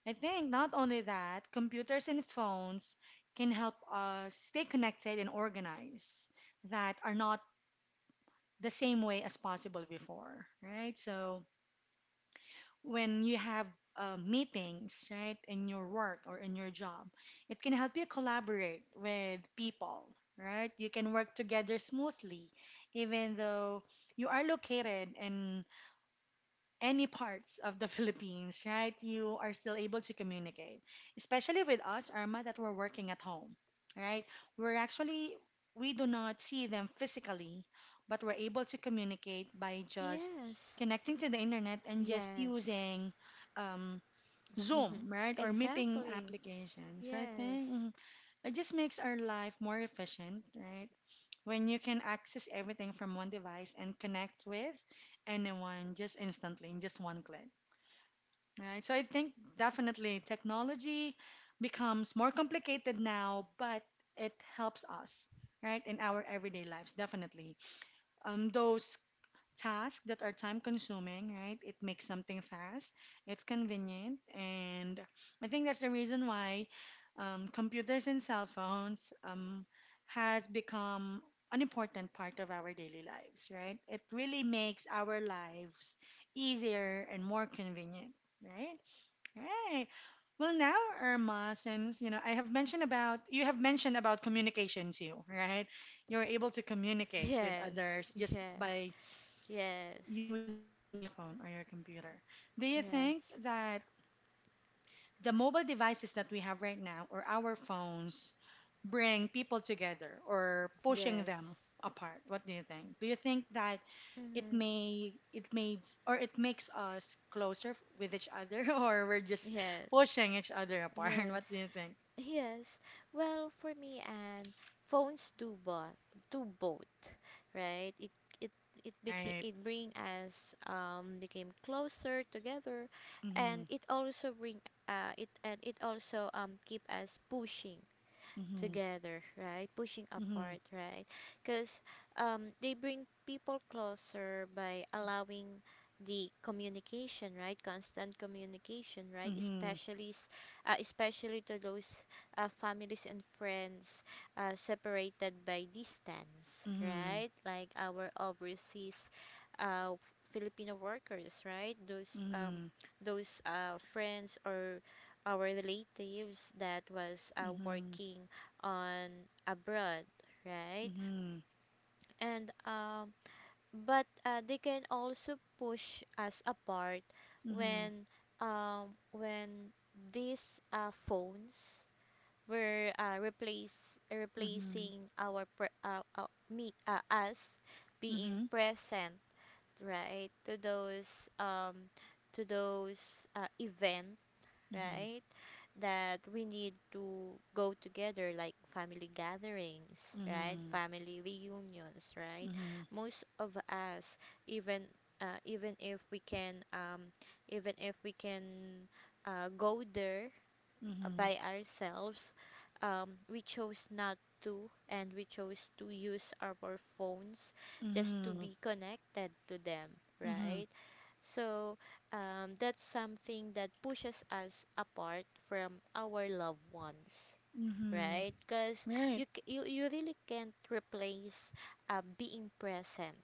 Speaker 1: I think not only that, computers and phones can help us stay connected and organized that are not the same way as possible before, right? So when you have uh, meetings, right, in your work or in your job, it can help you collaborate with people, right? You can work together smoothly, even though you are located in any parts of the Philippines, right, you are still able to communicate. Especially with us, Irma, that we're working at home, right? We're actually, we do not see them physically, but we're able to communicate by just
Speaker 2: Yes,
Speaker 1: connecting to the internet and just
Speaker 2: yes,
Speaker 1: using um, Zoom, right, or meeting
Speaker 2: exactly.
Speaker 1: applications. So I think
Speaker 2: Yes,
Speaker 1: mm, it just makes our life more efficient, right? When you can access everything from one device and connect with anyone just instantly in just one click. Right. So I think definitely technology becomes more complicated now, but it helps us, right, in our everyday lives, definitely. Um, those tasks that are time consuming, right, it makes something fast, it's convenient, and I think that's the reason why um, computers and cell phones um, has become an important part of our daily lives, right? It really makes our lives easier and more convenient, right? Right. Well, now, Irma, since you know I have mentioned about you have mentioned about communication too, right? You're able to communicate with
Speaker 2: yes,
Speaker 1: others just
Speaker 2: yes,
Speaker 1: by
Speaker 2: yes,
Speaker 1: using your cell phone or your computer. Do you think
Speaker 2: yes,
Speaker 1: that the mobile devices that we have right now or our phones bring people together or pushing them
Speaker 2: yes,
Speaker 1: apart? What do you think? Do you think that it
Speaker 2: hmm,
Speaker 1: may it makes or it makes us closer f- with each other, or we're just
Speaker 2: yes,
Speaker 1: pushing each other apart? What do
Speaker 2: yes.
Speaker 1: you think?
Speaker 2: Yes. Well, for me, and phones do both, do both, right? It it it became,
Speaker 1: Right.
Speaker 2: it bring us um became closer together, and
Speaker 1: Mhm.
Speaker 2: it also bring uh it and it also um keep us pushing
Speaker 1: Mhm.
Speaker 2: together, right? Pushing
Speaker 1: Mhm.
Speaker 2: apart, right? Because um, they bring people closer by allowing the communication, right? Constant communication, right?
Speaker 1: Mhm.
Speaker 2: Especially, s- uh, especially to those uh, families and friends uh, separated by distance, right? Like our overseas uh, Filipino workers, right? Those um,
Speaker 1: Mhm.
Speaker 2: those uh, friends or our relatives that was uh,
Speaker 1: Mhm.
Speaker 2: working on abroad, right?
Speaker 1: Mhm.
Speaker 2: And um, but uh, they can also push us apart
Speaker 1: Mhm.
Speaker 2: when um, when these uh, phones were uh, replace
Speaker 1: Mhm.
Speaker 2: replacing our pre- uh, uh, me uh, us being
Speaker 1: Mhm.
Speaker 2: present, right, to those um to those uh, event,
Speaker 1: Mhm.
Speaker 2: right, that we need to go together, like family gatherings, right,
Speaker 1: Mhm.
Speaker 2: family reunions, right?
Speaker 1: Mhm.
Speaker 2: Most of us, even uh, even if we can, um, even if we can uh, go there
Speaker 1: Mhm. Mhm.
Speaker 2: by ourselves. Um, we chose not to, and we chose to use our phones just to
Speaker 1: Mhm.
Speaker 2: be connected to them,
Speaker 1: Mhm.
Speaker 2: right? So um, that's something that pushes us apart from our loved ones,
Speaker 1: Mhm.
Speaker 2: right? Because
Speaker 1: Right.
Speaker 2: you, c- you you really can't replace uh, being present,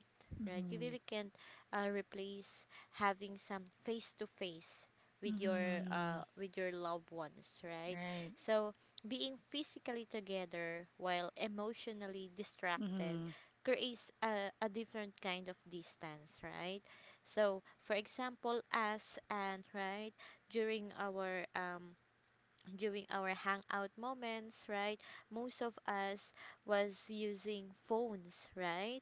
Speaker 2: right? You
Speaker 1: Mhm.
Speaker 2: really can't uh, replace having some face to face with your
Speaker 1: Mhm.
Speaker 2: uh with your loved ones, right?
Speaker 1: Right.
Speaker 2: So being physically together while emotionally distracted
Speaker 1: Mhm.
Speaker 2: creates a, a different kind of distance, right? So, for example, us, and right, during our um during our hangout moments, right? Most of us was using phones, right?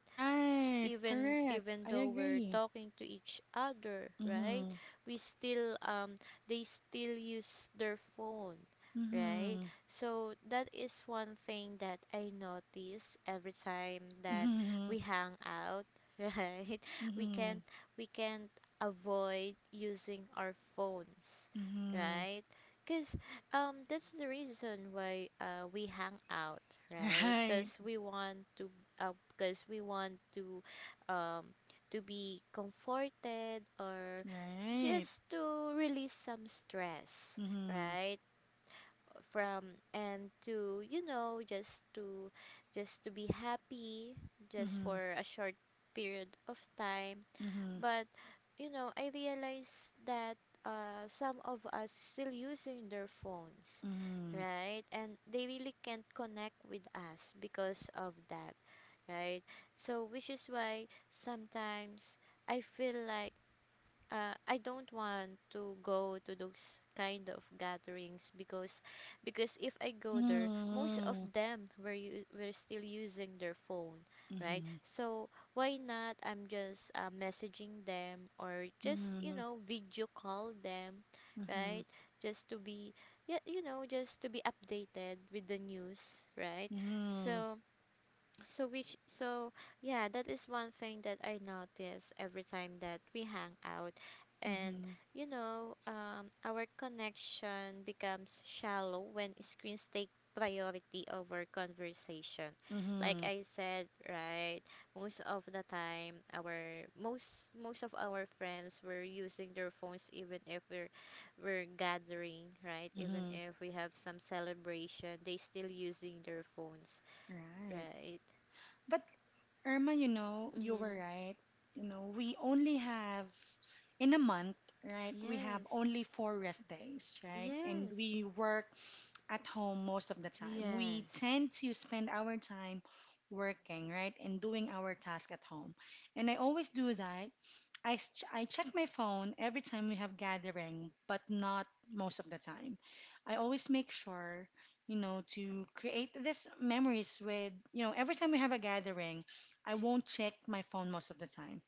Speaker 2: S-
Speaker 1: Right.
Speaker 2: Even
Speaker 1: Correct.
Speaker 2: even
Speaker 1: I
Speaker 2: though we're
Speaker 1: agree.
Speaker 2: talking to each other, right?
Speaker 1: Mhm.
Speaker 2: We still um they still use their phone, right?
Speaker 1: Mhm.
Speaker 2: So that is one thing that I notice every time that
Speaker 1: Mhm.
Speaker 2: we hang out, right? We can't
Speaker 1: Mhm.
Speaker 2: we can't avoid using our phones,
Speaker 1: Mhm.
Speaker 2: right? Because um, that's the reason why uh, we hang out, right?
Speaker 1: Right.
Speaker 2: Because we want to, because we want to, um, to be comforted or
Speaker 1: Right.
Speaker 2: just to release some stress,
Speaker 1: Mhm.
Speaker 2: right? From and to, you know, just to, just to be happy, just
Speaker 1: Mhm.
Speaker 2: for a short period of time,
Speaker 1: Mhm.
Speaker 2: but you know, I realize that uh, some of us still using their phones,
Speaker 1: Mhm.
Speaker 2: right? And they really can't connect with us because of that, right? So which is why sometimes I feel like uh, I don't want to go to those kind of gatherings, because because if I go there, most of them were u- were still using their phone, right?
Speaker 1: Mhm.
Speaker 2: So why not I'm just uh, messaging them or just, you
Speaker 1: Mhm.
Speaker 2: know, video call them,
Speaker 1: Mhm. Mhm.
Speaker 2: right? Just to be, yeah, you know, just to be updated with the news, right? So so which so yeah, that is one thing that I notice every time that we hang out. And
Speaker 1: Mhm.
Speaker 2: you know, um our connection becomes shallow when screens take priority over conversation.
Speaker 1: Mhm.
Speaker 2: Like
Speaker 1: Mhm.
Speaker 2: I said, right, most of the time our most most of our friends were using their phones even if we're we're gathering, right? Even
Speaker 1: Mhm.
Speaker 2: if we have some celebration, they still using their phones.
Speaker 1: Right.
Speaker 2: Right.
Speaker 1: But Irma, you know, you were
Speaker 2: Mm-hmm.
Speaker 1: right. You know, we only have in a month, right? We have
Speaker 2: Yes.
Speaker 1: only four rest days, right? And
Speaker 2: Yes.
Speaker 1: we work at home most of the time. We
Speaker 2: Yes.
Speaker 1: tend to spend our time working, right? And doing our task at home. And I always do that. I, s- I check my phone every time we have gathering, but not most of the time. I always make sure, you know, to create these memories with, you know, every time we have a gathering, I won't check my phone most of the time.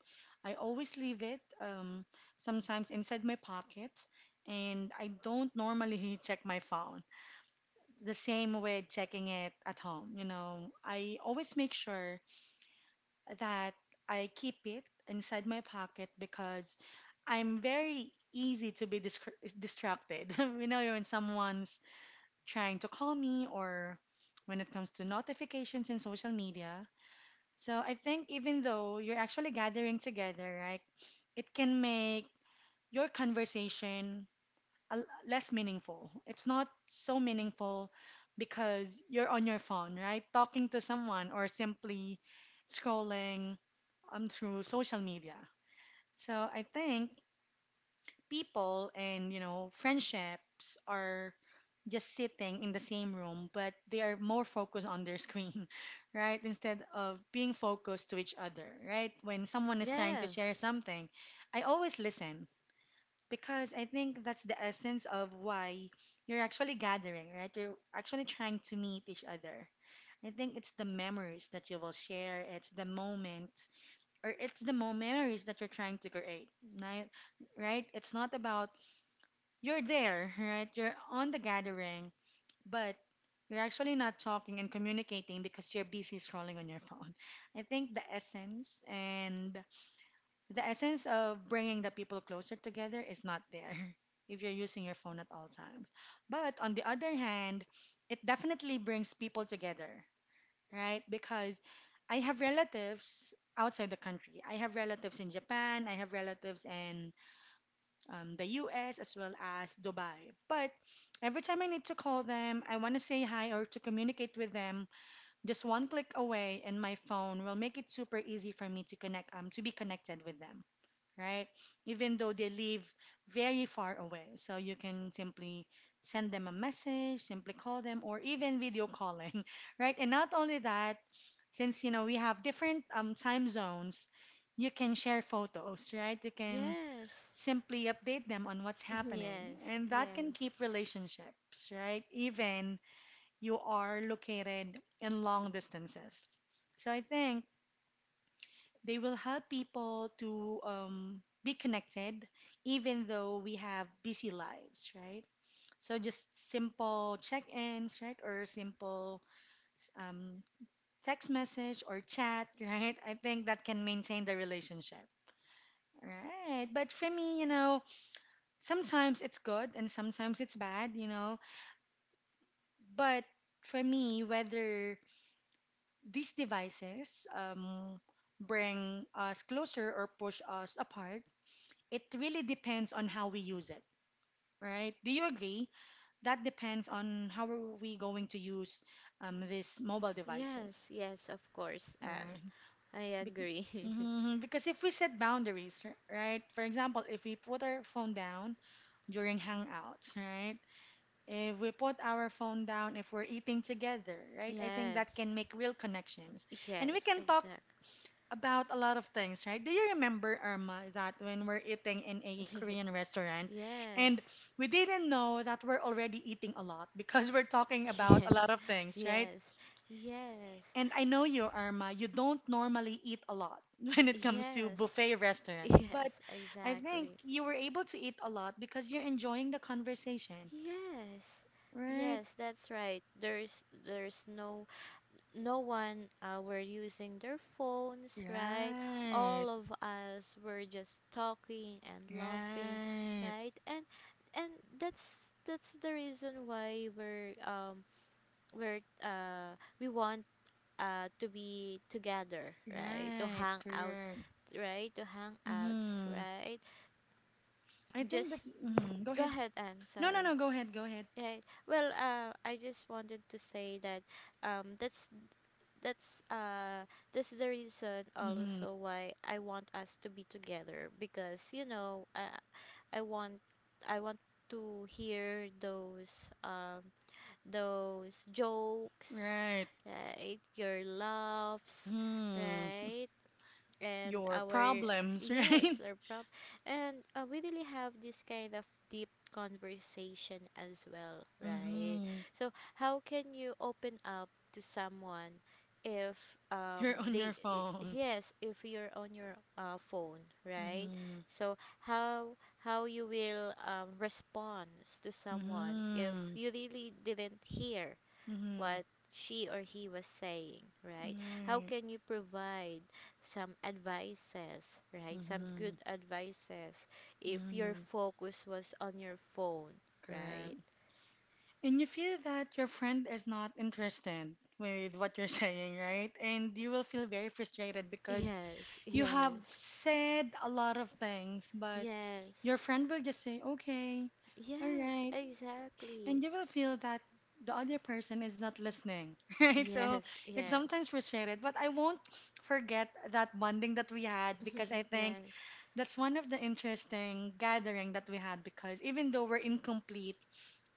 Speaker 1: I always leave it, um, sometimes inside my pocket, and I don't normally check my phone. The same with checking it at home, you know, I always make sure that I keep it inside my pocket because I'm very easy to be dis- distracted. You know, when someone's trying to call me, or when it comes to notifications in social media. So I think even though you're actually gathering together, right, it can make your conversation a- l- less meaningful. It's not so meaningful because you're on your phone, right? Talking to someone or simply scrolling um, through social media. So I think people and, you know, friendships are just sitting in the same room, but they are more focused on their screen, right? Instead of being focused to each other, right? When someone is trying to share
Speaker 2: Yes.
Speaker 1: something, I always listen because I think that's the essence of why you're actually gathering, right? You're actually trying to meet each other. I think it's the memories that you will share, it's the moment, or it's the mo- memories that you're trying to create, right? Right? It's not about you're there, right? You're on the gathering, but you're actually not talking and communicating because you're busy scrolling on your phone. I think the essence and the essence of bringing the people closer together is not there if you're using your phone at all times. But on the other hand, it definitely brings people together, right? Because I have relatives outside the country. I have relatives in Japan, I have relatives in, um, the U S, as well as Dubai. But every time I need to call them, I want to say hi or to communicate with them, just one click away, and my phone will make it super easy for me to connect, um to be connected with them, right? Even though they live very far away. So you can simply send them a message, simply call them, or even video calling, right? And not only that, since you know we have different um, time zones, you can share photos, right? You can
Speaker 2: Yes.
Speaker 1: simply update them on what's happening,
Speaker 2: Yes.
Speaker 1: and that can
Speaker 2: Yes.
Speaker 1: keep relationships, right? Even you are located in long distances. So I think they will help people to um, be connected, even though we have busy lives, right? So just simple check-ins, right, or simple um, text message or chat, right? I think that can maintain the relationship. Right. But for me, you know, sometimes it's good and sometimes it's bad, you know. But for me, whether these devices um, bring us closer or push us apart, it really depends on how we use it, right? Do you agree? That depends on how are we going to use um, these mobile
Speaker 2: Yes.
Speaker 1: devices,
Speaker 2: Yes, of course, Anne.
Speaker 1: right?
Speaker 2: I
Speaker 1: Be-
Speaker 2: agree.
Speaker 1: mhm, Because if we set boundaries, r- right? For example, if we put our phone down during hangouts, right? If we put our phone down if we're eating together, right? I think that can
Speaker 2: Yes.
Speaker 1: make real connections. And we
Speaker 2: Yes,
Speaker 1: can talk
Speaker 2: exactly.
Speaker 1: about a lot of things, right? Do you remember, Irma, that when we're eating in a Korean restaurant
Speaker 2: Yes.
Speaker 1: and we didn't know that we're already eating a lot because we're talking about
Speaker 2: Yes.
Speaker 1: a lot of things, right?
Speaker 2: Yes. Yes.
Speaker 1: And I know you, Irma, you don't normally eat a lot when it comes to
Speaker 2: Yes.
Speaker 1: buffet restaurants,
Speaker 2: Yes,
Speaker 1: but I think
Speaker 2: exactly.
Speaker 1: you were able to eat a lot because you're enjoying the conversation,
Speaker 2: Yes.
Speaker 1: right?
Speaker 2: Yes, that's right. There's there's no no one uh, were using their phones, right?
Speaker 1: Right,
Speaker 2: All of us were just talking and laughing,
Speaker 1: right,
Speaker 2: right? And and that's that's the reason why we're um we're uh we want uh to be together, right? To
Speaker 1: right,
Speaker 2: hang out,
Speaker 1: correct.
Speaker 2: right? To hang out,
Speaker 1: Mm-hmm.
Speaker 2: right?
Speaker 1: I think that's.
Speaker 2: Just mm,
Speaker 1: Mhm. Go
Speaker 2: go
Speaker 1: ahead.
Speaker 2: ahead and
Speaker 1: No, no,
Speaker 2: sorry.
Speaker 1: no. Go ahead. Go ahead.
Speaker 2: Right. Well, uh, I just wanted to say that um, that's that's uh this is the reason
Speaker 1: Mm-hmm.
Speaker 2: also why I want us to be together, because you know I I want I want to hear those um those jokes,
Speaker 1: Right.
Speaker 2: right, your laughs,
Speaker 1: Mm-hmm.
Speaker 2: right, and
Speaker 1: Your
Speaker 2: our,
Speaker 1: problems, right?
Speaker 2: yes, our prop, and uh, we really have this kind of deep conversation as well, right?
Speaker 1: Mm-hmm.
Speaker 2: So how can you open up to someone if um
Speaker 1: You're on
Speaker 2: they,
Speaker 1: your
Speaker 2: i-
Speaker 1: phone.
Speaker 2: yes, if you're on your uh, phone, right?
Speaker 1: Mm-hmm.
Speaker 2: So how how you will um, respond to someone if
Speaker 1: Mm-hmm.
Speaker 2: you really didn't hear
Speaker 1: Mm-hmm.
Speaker 2: what she or he was saying, right? How
Speaker 1: Right.
Speaker 2: can you provide some advices, right? Some
Speaker 1: Mm-hmm.
Speaker 2: good advices if your
Speaker 1: Mm-hmm.
Speaker 2: focus was on your phone, right?
Speaker 1: Correct. And you feel that your friend is not interested with what you're saying, right? And you will feel very frustrated because
Speaker 2: Yes,
Speaker 1: you have
Speaker 2: yes,
Speaker 1: said a lot of things, but
Speaker 2: yes,
Speaker 1: your friend will just say, okay, all
Speaker 2: yes,
Speaker 1: right, and
Speaker 2: exactly.
Speaker 1: you will feel that the other person is not listening, right? So
Speaker 2: Yes,
Speaker 1: it's
Speaker 2: yes,
Speaker 1: sometimes frustrated, but I won't forget that bonding that we had because I think
Speaker 2: yes,
Speaker 1: that's one of the interesting gathering that we had because even though we're incomplete,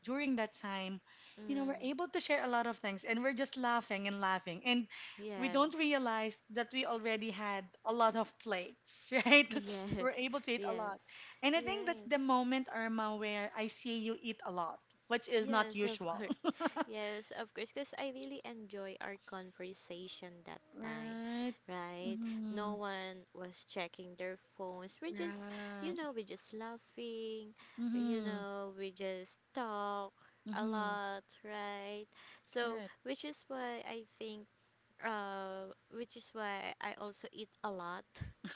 Speaker 1: during that time, you know, we're
Speaker 2: mm,
Speaker 1: able to share a lot of things and we're just laughing and laughing. And we don't
Speaker 2: yes,
Speaker 1: realize that we already had a lot of plates, right?
Speaker 2: yes,
Speaker 1: We're able to eat a
Speaker 2: yes,
Speaker 1: lot. And I think that's
Speaker 2: yes,
Speaker 1: the moment, Irma, where I see you eat a lot, which is not
Speaker 2: yes, of
Speaker 1: usual.
Speaker 2: course. Yes, of course, because I really enjoy our conversation that time,
Speaker 1: Right.
Speaker 2: right? No
Speaker 1: Mm-hmm.
Speaker 2: one was checking their phones. We're just, you
Speaker 1: Right.
Speaker 2: know, we're just laughing, you
Speaker 1: Mm-hmm.
Speaker 2: know, we just talk a
Speaker 1: Mm-hmm.
Speaker 2: lot, right? So,
Speaker 1: Correct.
Speaker 2: which is why I think, uh, which is why I also eat a lot.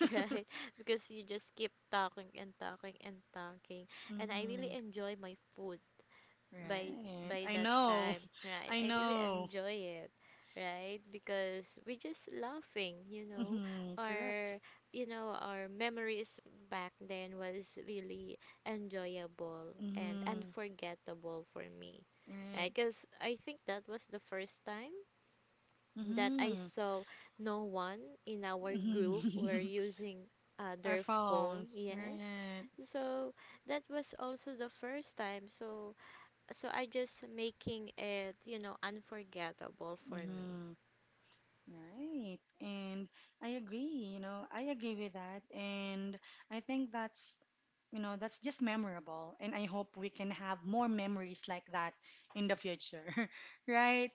Speaker 2: Right, because you just keep talking and talking and talking, and I really
Speaker 1: Mm-hmm.
Speaker 2: enjoy my food by
Speaker 1: Right.
Speaker 2: by
Speaker 1: I
Speaker 2: that
Speaker 1: know.
Speaker 2: time, right?
Speaker 1: I
Speaker 2: I really
Speaker 1: know.
Speaker 2: enjoy it, right? Because we're just laughing, you know.
Speaker 1: Mm-hmm. Correct.
Speaker 2: Our You know, our memories back then was really enjoyable and
Speaker 1: Mm-hmm.
Speaker 2: unforgettable for me. Right?
Speaker 1: Right.
Speaker 2: Cuz I think that was the first time that I saw no one in our group were
Speaker 1: Mm-hmm.
Speaker 2: using uh,
Speaker 1: Our
Speaker 2: their phone.
Speaker 1: phones,
Speaker 2: Yes.
Speaker 1: right?
Speaker 2: So that was also the first time. So so I just making it, you know, unforgettable for me.
Speaker 1: Mm-hmm. Right. And I agree, you know, I agree with that. And I think that's, you know, that's just memorable. And I hope we can have more memories like that in the future, right?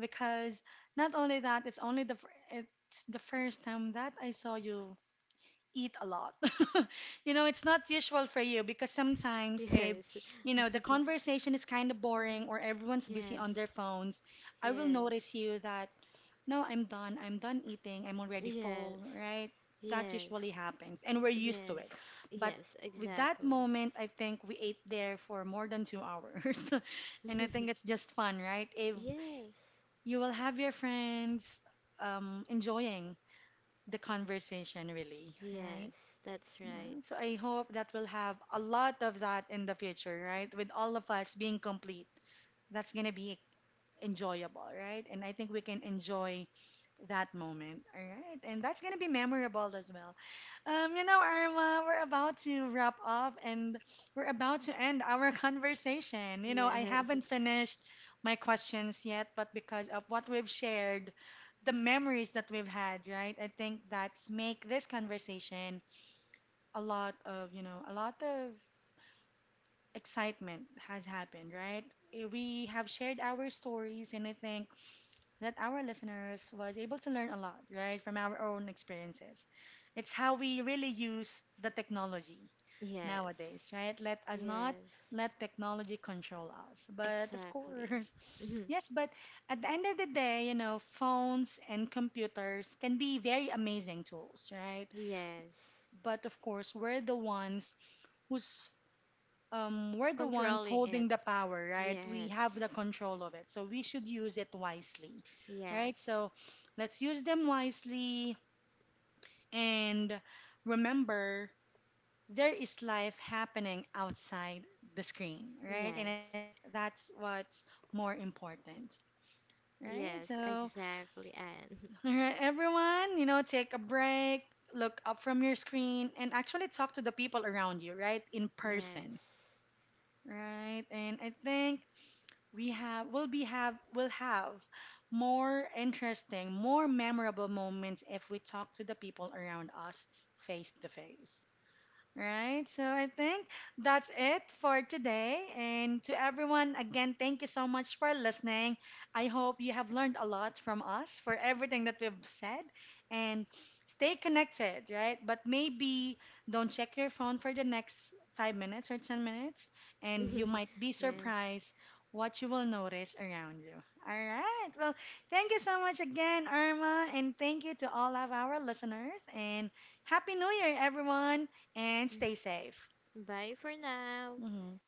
Speaker 1: Because not only that, it's only the, fir- it's the first time that I saw you eat a lot. You know, it's not usual for you because sometimes if
Speaker 2: Yes.
Speaker 1: you know the conversation is kind of boring
Speaker 2: Hmm.
Speaker 1: or everyone's busy on
Speaker 2: Yes.
Speaker 1: their phones, I will
Speaker 2: Yes.
Speaker 1: notice you that no, I'm done. I'm done eating. I'm already full,
Speaker 2: Yes.
Speaker 1: right? That
Speaker 2: Yes.
Speaker 1: usually happens and we're used to
Speaker 2: Yes.
Speaker 1: it. But
Speaker 2: Yes,
Speaker 1: with that
Speaker 2: exactly.
Speaker 1: moment, I think we ate there for more than two hours. And I think it's just fun, right? If
Speaker 2: Yes.
Speaker 1: you will have your friends um, enjoying the conversation, really, right?
Speaker 2: Yes, that's right.
Speaker 1: Yeah, so I hope that we'll have a lot of that in the future, right? With all of us being complete, that's gonna be enjoyable, right? And I think we can enjoy that moment, all right? And that's gonna be memorable as well. Um, you know, Irma, we're about to wrap up and we're about to end our conversation. You know, I
Speaker 2: Yes.
Speaker 1: haven't finished my questions yet, but because of what we've shared, the memories that we've had, right? I think that's make this conversation a lot of, you know, a lot of excitement has happened, right? Eh, We have shared our stories, and I think that our listeners was able to learn a lot, right, from our own experiences. It's how we really use the technology
Speaker 2: Yes.
Speaker 1: nowadays, right? Let us not
Speaker 2: Yes.
Speaker 1: let technology control us. But of
Speaker 2: Exactly.
Speaker 1: course,
Speaker 2: Mhm.
Speaker 1: yes, but at the end of the day, you know, phones and computers can be very amazing tools, right?
Speaker 2: Yes.
Speaker 1: But of course, we're the ones who's um, we're the ones
Speaker 2: Controlling it.
Speaker 1: holding the power, right? We have the
Speaker 2: Yes.
Speaker 1: control of it. So we should use it wisely, right?
Speaker 2: Yes.
Speaker 1: So let's use them wisely and remember there is life happening outside the screen, right? And I
Speaker 2: Yes.
Speaker 1: think that's what's more important, right?
Speaker 2: Yes,
Speaker 1: So,
Speaker 2: exactly. And
Speaker 1: all right, everyone, you know, take a break, look up from your screen, and actually talk to the people around you, right? In person,
Speaker 2: yes.
Speaker 1: right? And I think we have will be have will have more interesting, more memorable moments if we talk to the people around us face to face. Right. So I think that's it for today. And to everyone, again, thank you so much for listening. I hope you have learned a lot from us for everything that we've said. And stay connected, right? But maybe don't check your phone for the next five minutes or ten minutes, and you might be
Speaker 2: Yes.
Speaker 1: surprised what you will notice around you. All right. Well, thank you so much again, Irma. And thank you to all of our listeners. And Happy New Year, everyone and stay safe.
Speaker 2: Bye for now.
Speaker 1: hmm